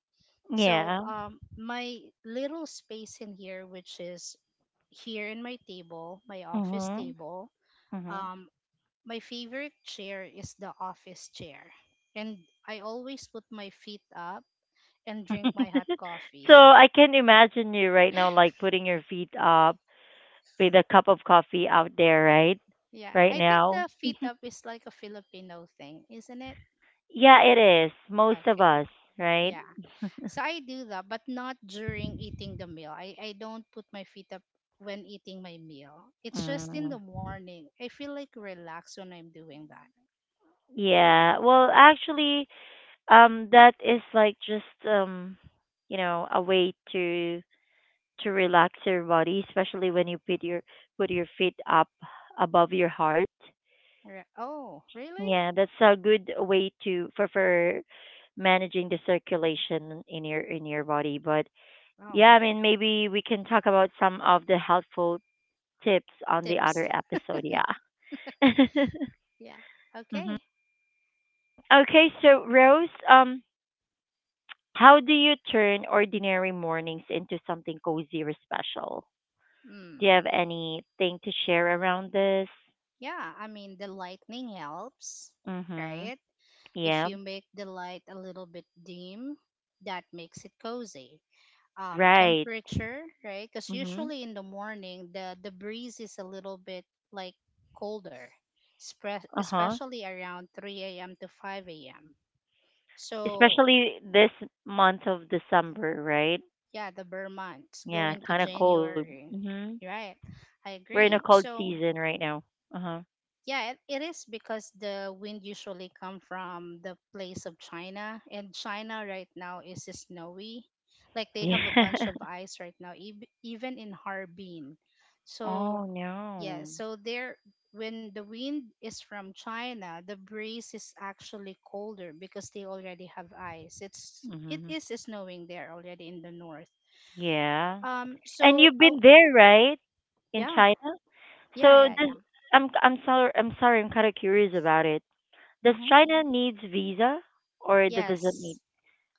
B: So
A: Yeah.
B: um, my little space in here, which is here in my table, my office
A: Mhm.
B: table,
A: Mhm.
B: um, my favorite chair is the office chair, and I always put my feet up and drink my hot coffee.
A: So I can imagine you right now, like putting your feet up with a cup of coffee out there, right?
B: Yeah, I
A: Right
B: think the
A: now.
B: feet up is like a Filipino thing, isn't it?
A: Yeah, it is. Most of
B: Okay.
A: us, right?
B: Yeah. So I do that, but not during eating the meal. I, I don't put my feet up when eating my meal. It's just in
A: Mm.
B: the morning. I feel like relaxed when I'm doing that.
A: Yeah. Well, actually, um that is like just um you know a way to to relax your body especially when you put your put your feet up above your heart.
B: Re- oh, really?
A: Yeah, that's a good way to for for managing the circulation in your in your body. But yeah,
B: Oh,
A: I mean maybe we can talk about some of the helpful tips on the
B: tips.
A: other episode. Yeah.
B: Yeah.
A: Mhm.
B: Okay.
A: Okay, so Rose, um how do you turn ordinary mornings into something cozy or special? Do you
B: Hmm.
A: have anything to share around this?
B: Yeah. I mean, the lightning helps,
A: Mm-hmm.
B: right? If
A: Yeah.
B: you make the light a little bit dim, that makes it cozy. Um,
A: Right.
B: temperature, right? Because
A: Mm-hmm.
B: usually in the morning, the the breeze is a little bit like colder, spre-
A: Uh-huh.
B: especially around three a m to five a m. So
A: Especially this month of December, right?
B: yeah, the Vermont's
A: Yeah,
B: going to
A: kind of cold.
B: January,
A: Mm-hmm.
B: right? I
A: We're in a
B: agree.
A: cold
B: So
A: season right now. Uh-huh.
B: yeah, it, it is, because the wind usually come from the place of China, and China right now is snowy. Like they have a bunch
A: Yeah.
B: of ice right now, ev- even in Harbin. So
A: Oh
B: yeah,
A: no.
B: so there, when the wind is from China, the breeze is actually colder because they already have ice. It's it
A: Mm-hmm.
B: is snowing there already in the north.
A: Yeah.
B: Um,
A: And
B: so
A: you've
B: uh,
A: been there, right? In
B: yeah,
A: China?
B: yeah,
A: So
B: yeah,
A: does
B: yeah.
A: I'm I'm sorry, I'm sorry, I'm kind of curious about it. Does
B: Mm-hmm.
A: China needs visa or that doesn't need?
B: Yes.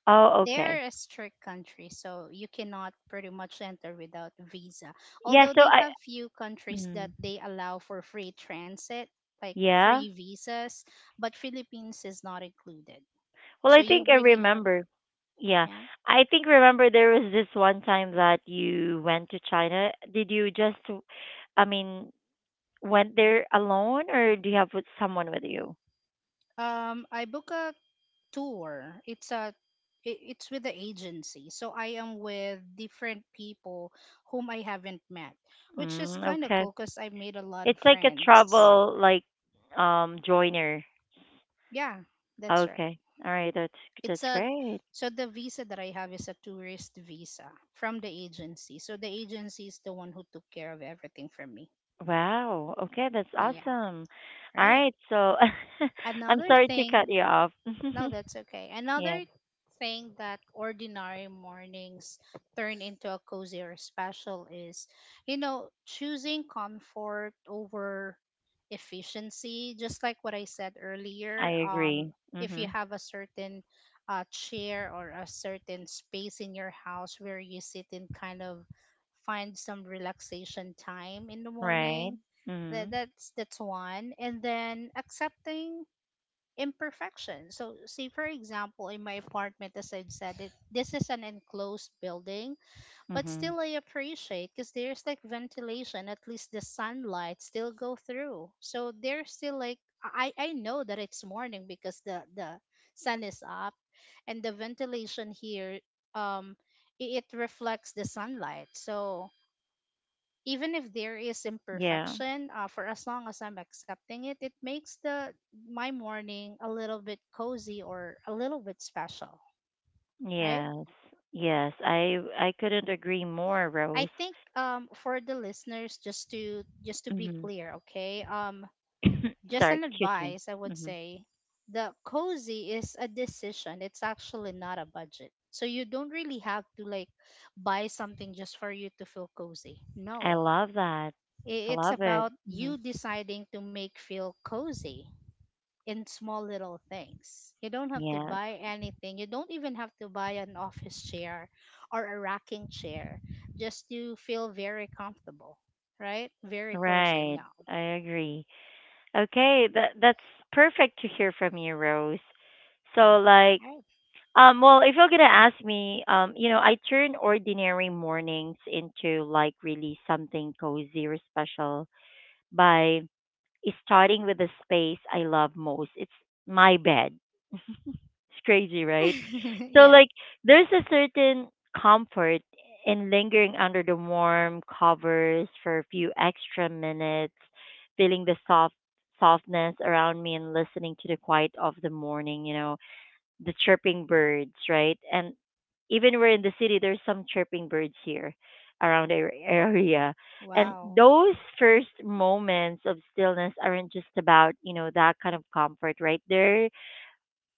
A: Oh,
B: They are
A: okay.
B: a strict country, so you cannot pretty much enter without visa.
A: Yeah.
B: Although
A: So
B: they
A: I.
B: have few countries that
A: Mm,
B: they allow for free transit, like
A: yeah.
B: free visas, but Philippines is not included.
A: Well,
B: So
A: I
B: you
A: think I
B: really have,
A: remember. Yeah,
B: yeah.
A: I think remember there was this one time that you went to China. Did you just, I mean, went there alone or do you have with someone with you?
B: Um, I book a tour. It's a i- it's with the agency, so I am with different people whom I haven't met, which is
A: Mm,
B: kind of
A: okay.
B: cool because I made a lot
A: It's
B: of
A: like a
B: friends.
A: travel like um joiner.
B: Yeah, that's right.
A: Okay. All right, that's
B: it's
A: that's
B: a
A: great.
B: So the visa that I have is a tourist visa from the agency. So the agency is the one who took care of everything for me.
A: Wow. Okay, that's
B: Yeah,
A: awesome. All
B: right.
A: right. So I'm
B: Another
A: sorry to cut
B: thing,
A: you off.
B: no, that's okay.
A: Yeah,
B: Another thing that ordinary mornings turn into a cozy or special is, you know, choosing comfort over efficiency. Just like what I said
A: I
B: earlier, um,
A: agree.
B: if you
A: Mhm.
B: have a certain, uh, chair or a certain space in your house where you sit and kind of find some relaxation time in the
A: Right.
B: morning, that,
A: Mhm.
B: that's that's one. And then accepting imperfection. So, say for example, in my apartment, as I've said, it this is an enclosed building, but
A: Mhm.
B: still I appreciate because there's like ventilation. At least the sunlight still go through. So there's still, like, I I know that it's morning, because the the sun is up, and the ventilation here, um i- it reflects the sunlight. So even if there is
A: Yeah.
B: imperfection, uh, for as long as I'm accepting it, it makes the my morning a little bit cozy or a little bit special, right?
A: Yes. Yes. I I couldn't agree more,
B: I
A: Rose.
B: think, um, for the listeners, just to just to be
A: Mhm.
B: clear, okay. Um just an
A: Sorry, excuse me.
B: advice, I would
A: Mhm.
B: say, the cozy is a decision. It's actually not a budget, so you don't really have to like buy something just for you to feel cozy,
A: I
B: no.
A: love that. I
B: I- it's
A: love it.
B: about
A: Mhm.
B: you deciding to make feel cozy in small little things. You don't have to
A: Yes.
B: buy anything. You don't even have to buy an office chair or a rocking chair just to feel very comfortable, right? Very cozy.
A: Right.
B: No.
A: I agree. Okay, that that's perfect to hear from you, Rose. So like
B: Right.
A: Um, well, if you're gonna ask me, um, you know, I turn ordinary mornings into like really something cozy or special by starting with the space I love most. It's my bed. It's crazy, right? So
B: yeah.
A: like, there's a certain comfort in lingering under the warm covers for a few extra minutes, feeling the soft softness around me and listening to the quiet of the morning. You know, the chirping birds, right? And even we're in the city, there's some chirping birds here around our area. And
B: Wow.
A: those first moments of stillness aren't just about, you know, that kind of comfort, right? They're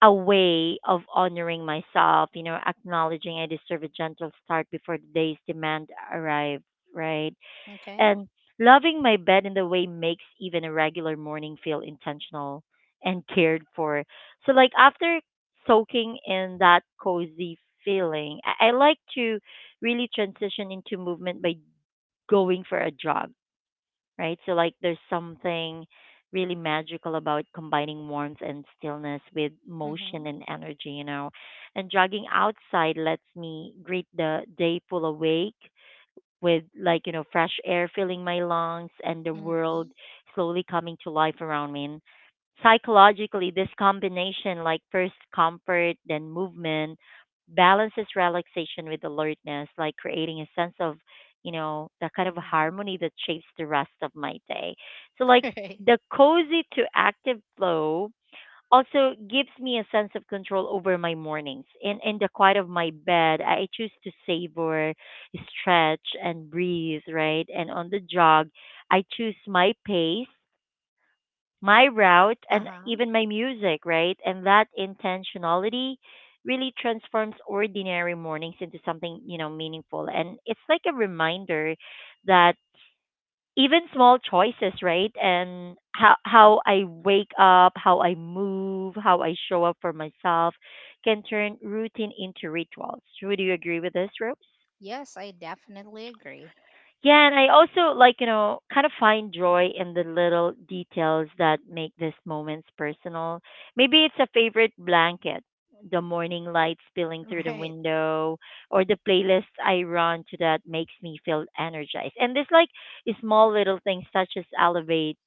A: a way of honoring myself, you know, acknowledging I deserve a gentle start before the day's demand arrive, right?
B: Okay.
A: And loving my bed in the way makes even a regular morning feel intentional and cared for. So, like, after soaking in that cozy feeling, I, I like to really transition into movement by going for a jog, right? So, like, there's something really magical about combining warmth and stillness with motion
B: Mhm.
A: and energy, you know. And jogging outside lets me greet the day full awake with like you know fresh air filling my lungs and the world
B: Mhm.
A: slowly coming to life around me. And psychologically, this combination, like first comfort then movement, balances relaxation with alertness, like creating a sense of, you know that kind of
B: Mhm.
A: harmony that shapes the rest of my day. So like
B: Right.
A: the cozy to active flow also gives me a sense of control over my mornings. In in the quiet of my bed, I choose to savor, stretch and breathe, right? And on the jog, I choose my pace, my route and
B: Uh-huh.
A: even my music, right? And that intentionality really transforms ordinary mornings into something, you know, meaningful. And it's like a reminder that even small choices, right? And how how I wake up, how I move, how I show up for myself can turn routine into rituals. Would you agree with this, Rose?
B: Yes, I definitely agree.
A: Yeah, and I also like, you know, kind of find joy in the little details that make these moments personal. Maybe it's a favorite blanket, the morning light spilling through the
B: Right.
A: window, or the playlist I run to that makes me feel energized. And this like small little things such as elevate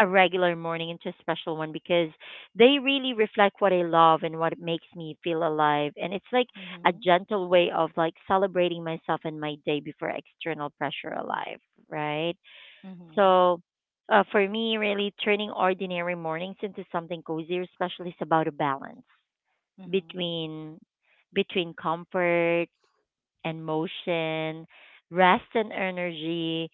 A: a regular morning into a special one because they really reflect what I love and what makes me feel alive. And it's like a
B: Mhm.
A: gentle way of like celebrating myself and my day before external pressure alive, right?
B: Mhm.
A: So uh, for me, really turning ordinary mornings into something cozier, especially is about a balance
B: Mhm.
A: between between comfort and motion, rest and energy,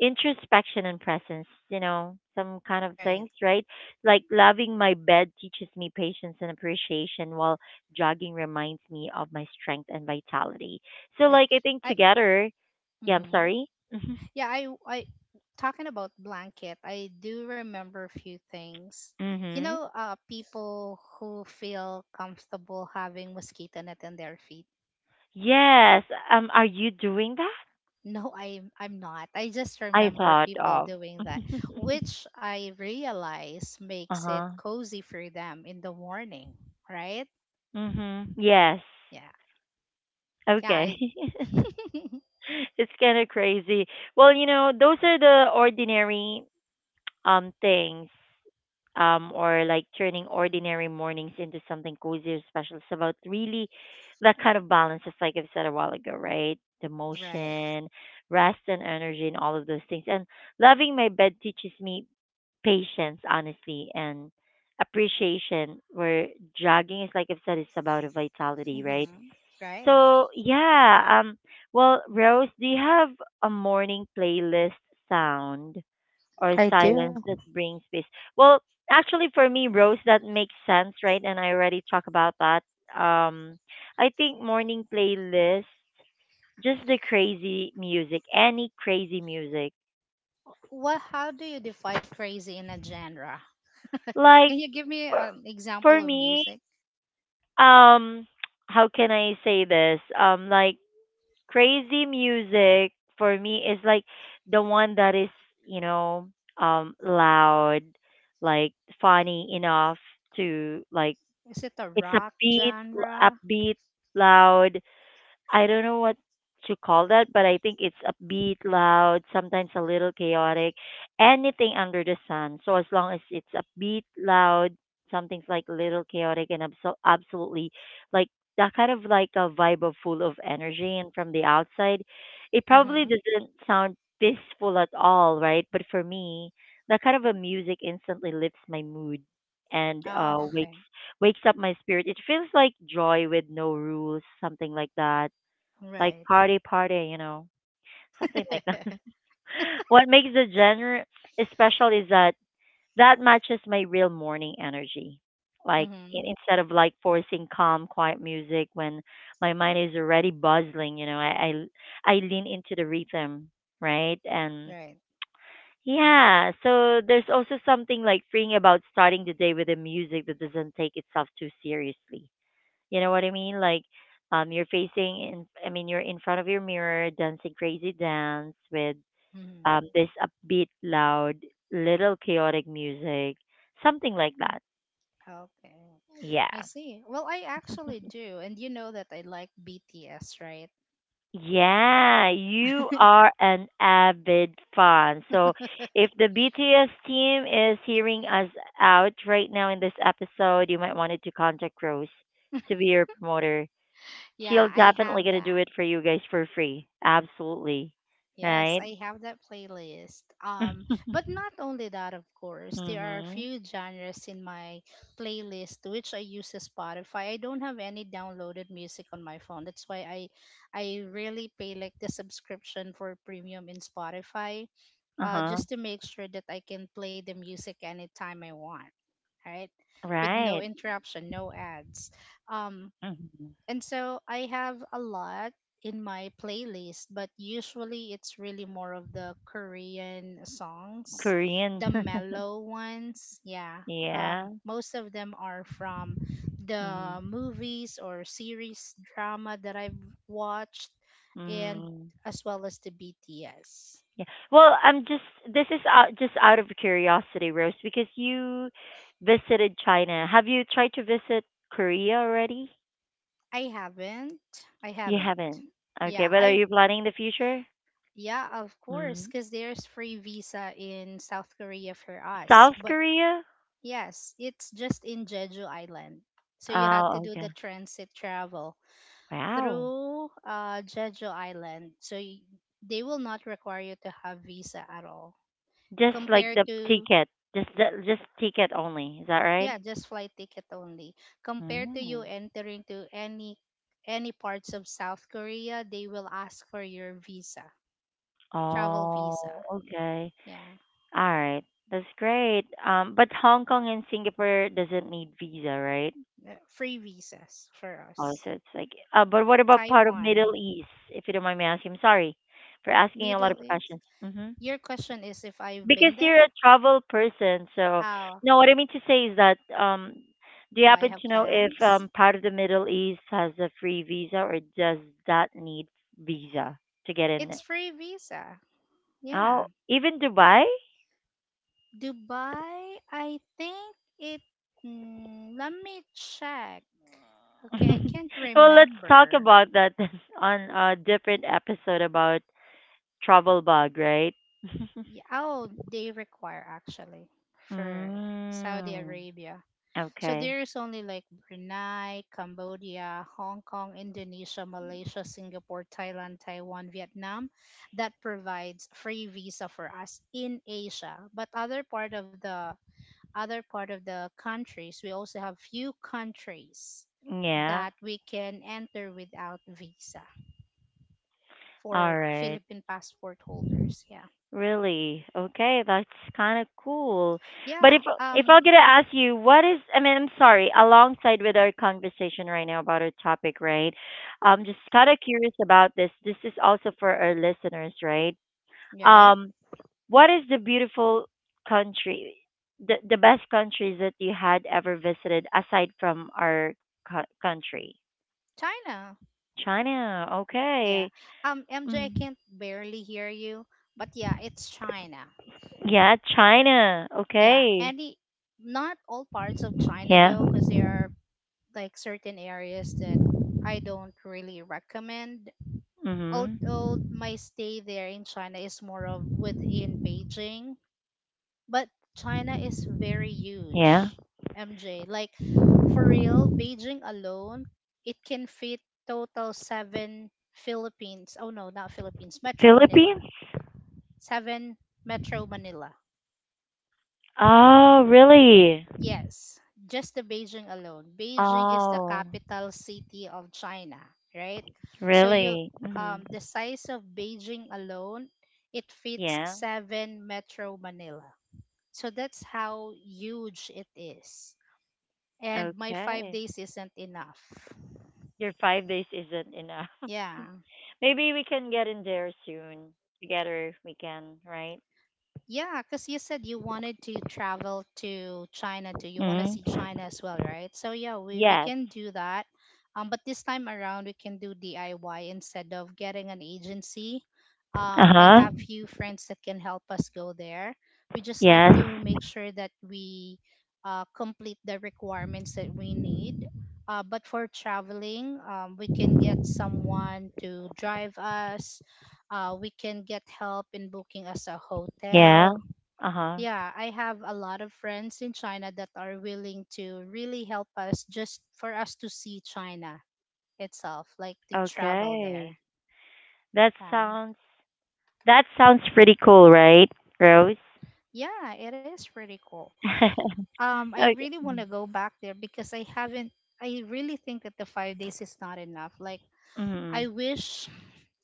A: introspection and presence, you know, some kind of
B: Right.
A: things, right? Like loving my bed teaches me patience and appreciation while jogging reminds me of my strength and vitality. So
B: Right.
A: like I think
B: I
A: together, yeah, I'm
B: mhm.
A: sorry. Mhm.
B: Yeah, I I talking about blanket, I do remember a few things. You
A: Mhm.
B: know, uh people who feel comfortable having mosquito net on their feet.
A: Yes, um are you doing that?
B: No, I'm I'm not. I just
A: I
B: remember
A: thought
B: people
A: of.
B: doing that, which I realize makes it
A: Uh-huh.
B: cozy for them in the morning, right?
A: Mhm. Yes.
B: Yeah. Yeah,
A: Okay.
B: I
A: It's kind of crazy. Well, you know, those are the ordinary um things um or like turning ordinary mornings into something cozy or special. It's about really that kind of balance, just like I've said a while ago, right? The
B: right.
A: motion, rest and energy and all of those things. And loving my bed teaches me patience, honestly, and appreciation where jogging is like I've said it's about a vitality, right?
B: Mhm. Right.
A: So yeah, um, well, Rose, do you have a morning playlist sound or
B: I do.
A: silence that brings peace? Well, actually, for me, Rose, that makes sense, right? And I already talked about that. Um, I think morning playlist, just the crazy music, any crazy music.
B: What How do you define crazy in a genre? Can
A: Like
B: you give me
A: for,
B: an example
A: for
B: of
A: me,
B: music?
A: um, how can I say this? Um, like crazy music for me is like the one that is you know um loud, like funny enough to like,
B: Is it a
A: it's
B: rock
A: upbeat l-
B: genre?
A: upbeat loud. I don't know what to call that, but I think it's upbeat, loud, sometimes a little chaotic, anything under the sun. So as long as it's upbeat, loud, something's like a little chaotic and abso- absolutely like that kind of like a vibe of full of energy. And from the outside, it probably
B: Mm-hmm.
A: doesn't sound peaceful at all, right? But for me, that kind of a music instantly lifts my mood and uh
B: Oh, okay.
A: wakes wakes up my spirit. It feels like joy with no rules, something like that, like
B: Right.
A: party party, you know, something like that. What makes the genre special is that that matches my real morning energy. Like in,
B: mm-hmm.
A: instead of like forcing calm, quiet music when my mind is already bustling, you know, I, I I lean into the rhythm, right? And
B: Right.
A: yeah, so there's also something like freeing about starting the day with a music that doesn't take itself too seriously, you know what I mean? Like, um, you're facing in, I mean, you're in front of your mirror dancing crazy dance with um
B: Mm-hmm.
A: this upbeat, loud, little chaotic music, something like that.
B: Okay.
A: Yeah.
B: I see. Well, I actually do. And you know that I like B T S, right?
A: Yeah, you are an avid fan. So if the B T S team is hearing us out right now in this episode, you might wanted to contact Rose to be your promoter.
B: Yeah,
A: She'll
B: I
A: definitely
B: have
A: gonna do
B: that.
A: it for you guys for free. Absolutely.
B: Yes,
A: Right?
B: I have that playlist. Um, but not only that, of course, there are a
A: Mhm.
B: few genres in my playlist which I use as Spotify. I don't have any downloaded music on my phone. That's why I, I really pay like the subscription for premium in Spotify,
A: Uh
B: uh,
A: huh.
B: just to make sure that I can play the music anytime I want, right? With no
A: Right.
B: interruption, no ads. Um,
A: Mhm.
B: and so I have a lot in my playlist, but usually it's really more of the Korean songs,
A: Korean.
B: the mellow ones. Yeah.
A: Yeah.
B: Um, most of them are from
A: Mhm.
B: the movies or series drama that I've watched, and
A: Mm.
B: as well as the B T S.
A: Yeah. Well, I'm just, this is out, just out of curiosity, Rose, because you visited China. Have you tried to visit Korea already?
B: I haven't. I
A: You
B: haven't.
A: haven't. Okay,
B: Yeah.
A: but are
B: I.
A: you planning the future?
B: Yeah, of course,
A: Mm.
B: because there's free visa in South Korea for us.
A: South
B: But
A: Korea?
B: yes, it's just in Jeju Island. So you have to
A: Oh,
B: do the
A: okay.
B: transit travel
A: Wow.
B: through uh, Jeju Island. So y- they will not require you to have visa at all.
A: Just like
B: Compared
A: the
B: to
A: ticket, just the, just ticket only. Is that right?
B: Yeah, just flight ticket only. Compared to you
A: Mm.
B: entering to any any parts of South Korea, they will ask for your visa, travel
A: Oh,
B: visa.
A: okay.
B: Yeah,
A: All right. That's great. Um, but Hong Kong and Singapore doesn't need visa, right?
B: uh, free visas for
A: Also,
B: us.
A: it's like, uh, but what about part of Middle
B: Taiwan,
A: East, if you don't mind me asking? I'm sorry for asking a lot
B: Middle
A: of
B: East.
A: questions. Hmm.
B: Your question is if I've
A: Because
B: been
A: you're
B: there?
A: a travel person, so
B: How
A: no, what I mean to say is that, um, do you
B: Do I
A: happen
B: have
A: to know if
B: plans?
A: um part of the Middle East has a free visa or does that need visa to get in?
B: It's free visa. Yeah.
A: Oh, even Dubai?
B: Dubai, I think it. Mm, let me check. Okay, I can't
A: Well, let's talk
B: remember.
A: about that on a different episode about travel bug, right?
B: Yeah, oh, they require actually for Saudi
A: Mm,
B: Arabia. So
A: okay.
B: there's only like Brunei, Cambodia, Hong Kong, Indonesia, Malaysia, Singapore, Thailand, Taiwan, Vietnam that provides free visa for us in Asia. But other part of the other part of the countries, we also have few countries
A: Yeah.
B: that we can enter without visa
A: All
B: for
A: right.
B: Philippine passport holders. Yeah.
A: Really? Okay, that's kind of cool. But if
B: Yeah.
A: if I'm
B: Um
A: gonna ask you, what is? I mean, I'm sorry. Alongside with our conversation right now about our topic, right? I'm just kind of curious about this. This is also for our listeners, right?
B: right.
A: Um, what is the beautiful country, the, the best countries that you had ever visited aside from our co- country?
B: China.
A: China.
B: Yeah.
A: Okay.
B: Um M J, I
A: Mm.
B: can't barely hear you, but yeah, it's China.
A: Yeah, China.
B: Yeah.
A: Okay.
B: Any Not all parts of China
A: Yeah.
B: though, cuz there are like certain areas that I don't really recommend,
A: Mhm.
B: although my stay there in China is more of within Beijing, but China is very
A: Yeah.
B: huge, M J. Like for real, Beijing alone, it can fit total seven Philippines. Oh no, not Philippines, Metro Manila.
A: Philippines?
B: Seven Metro Manila.
A: Oh, really?
B: Yes, just the Beijing alone. Beijing is the
A: Oh,
B: capital city of China, right? So you
A: really? Mhm.
B: um the size of Beijing alone, it fits
A: Yeah.
B: seven Metro Manila. So that's how huge it is. And my five
A: Okay.
B: days isn't enough.
A: Your five days isn't enough.
B: Yeah.
A: Maybe we can get in there soon. Together we can, right?
B: Yeah, because you said you wanted to travel to China too. You want to see
A: Mm-hmm.
B: China as well, right? So yeah, we, we
A: Yes.
B: can do that. Um, but this time around, we can do D I Y instead of getting an agency. Um, I
A: Uh-huh.
B: have few friends that can help us go there. We just have
A: Yes.
B: to make sure that we uh, complete the requirements that we need. Uh, but for traveling, um, we can get someone to drive us. Uh, we can get help in booking us a
A: Yeah.
B: hotel.
A: Uh-huh.
B: Yeah, I have a lot of friends in China that are willing to really help us just for us to see China itself, like to travel there.
A: Okay. That
B: Yeah.
A: sounds that sounds pretty cool, right, Rose?
B: Yeah, it is pretty cool. Um, I
A: Okay.
B: really want to go back there because I haven't I really think that the five days is not enough. Like
A: Mm-hmm.
B: I wish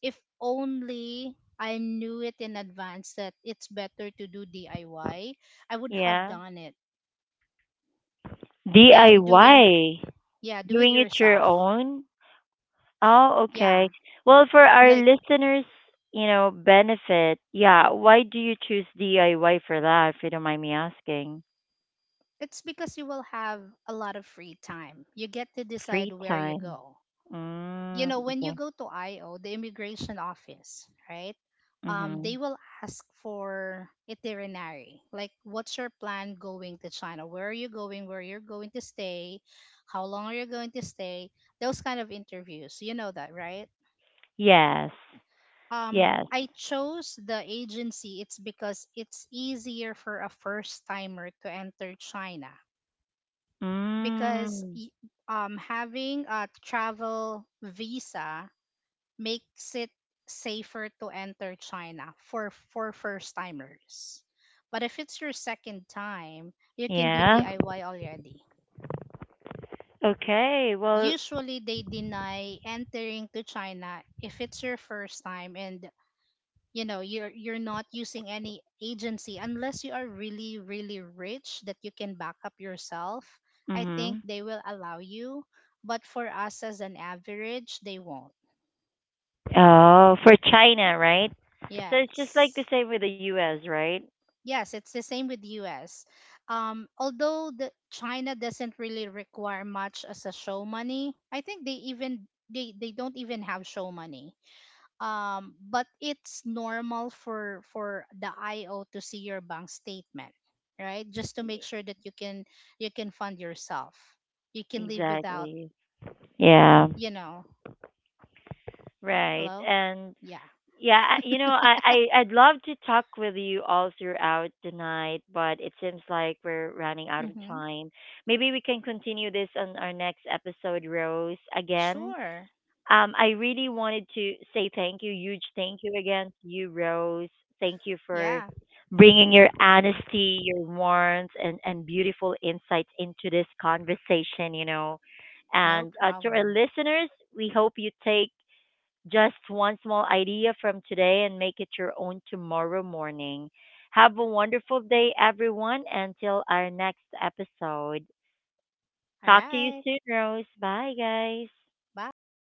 B: if only I knew it in advance that it's better to do D I Y, I Y, I would have
A: Yeah.
B: done it than doing
A: D I Y.
B: yeah, do it
A: Doing it your
B: yourself.
A: own? Oh, okay.
B: Yeah
A: Well, for our
B: like
A: listeners, you know, benefit. Yeah, why do you choose D I Y for that, if you don't mind me asking?
B: It's because you will have a lot of free time. You get to decide
A: Free
B: where you
A: time.
B: go. You
A: Mm,
B: know, when you
A: okay.
B: go to I O, the immigration office, right? Um,
A: Mhm.
B: they will ask for itinerary. Like, what's your plan going to China? Where are you going? Where you're going to stay? How long are you going to stay? Those kind of interviews. You know that, right?
A: Yes.
B: Um,
A: Yes.
B: I chose the agency. It's because it's easier for a first timer to enter China because
A: Mm.
B: y- um, having a travel visa makes it safer to enter China for for first timers. But if it's your second time, you can do
A: Yeah.
B: D I Y already.
A: Okay. Well,
B: Usually they deny entering to China if it's your first time and you know you're you're not using any agency unless you are really really rich that you can back up yourself. I think
A: mhm.
B: they will allow you, but for us as an average they won't.
A: Oh, for China, right? So it's just like the
B: Yes,
A: same with the U S, right?
B: yes, it's the same with us. Um although the China doesn't really require much as a show money, I think they even they they don't even have show money. Um, but it's normal for for the I O to see your bank statement, right? Just to make sure that you can you can fund yourself, you can live without,
A: Exactly. Yeah.
B: you know.
A: Right.
B: Hello,
A: And
B: yeah,
A: yeah, I- you know, I, I I'd love to talk with you all throughout the night, but it seems like we're running out of
B: mm-hmm.
A: time. Maybe we can continue this on our next episode, Rose, again.
B: Sure,
A: Um, I really wanted to say thank you, huge thank you again to you, Rose. Thank you for
B: yeah,
A: bringing your honesty, your warmth, and, and beautiful insights into this conversation, you know.
B: no
A: And uh, to our
B: problem.
A: listeners, we hope you take just one small idea from today and make it your own tomorrow morning. Have a wonderful day, everyone. Until our next episode.
B: All
A: Talk to you
B: right,
A: soon, Rose. Bye, guys.
B: bye.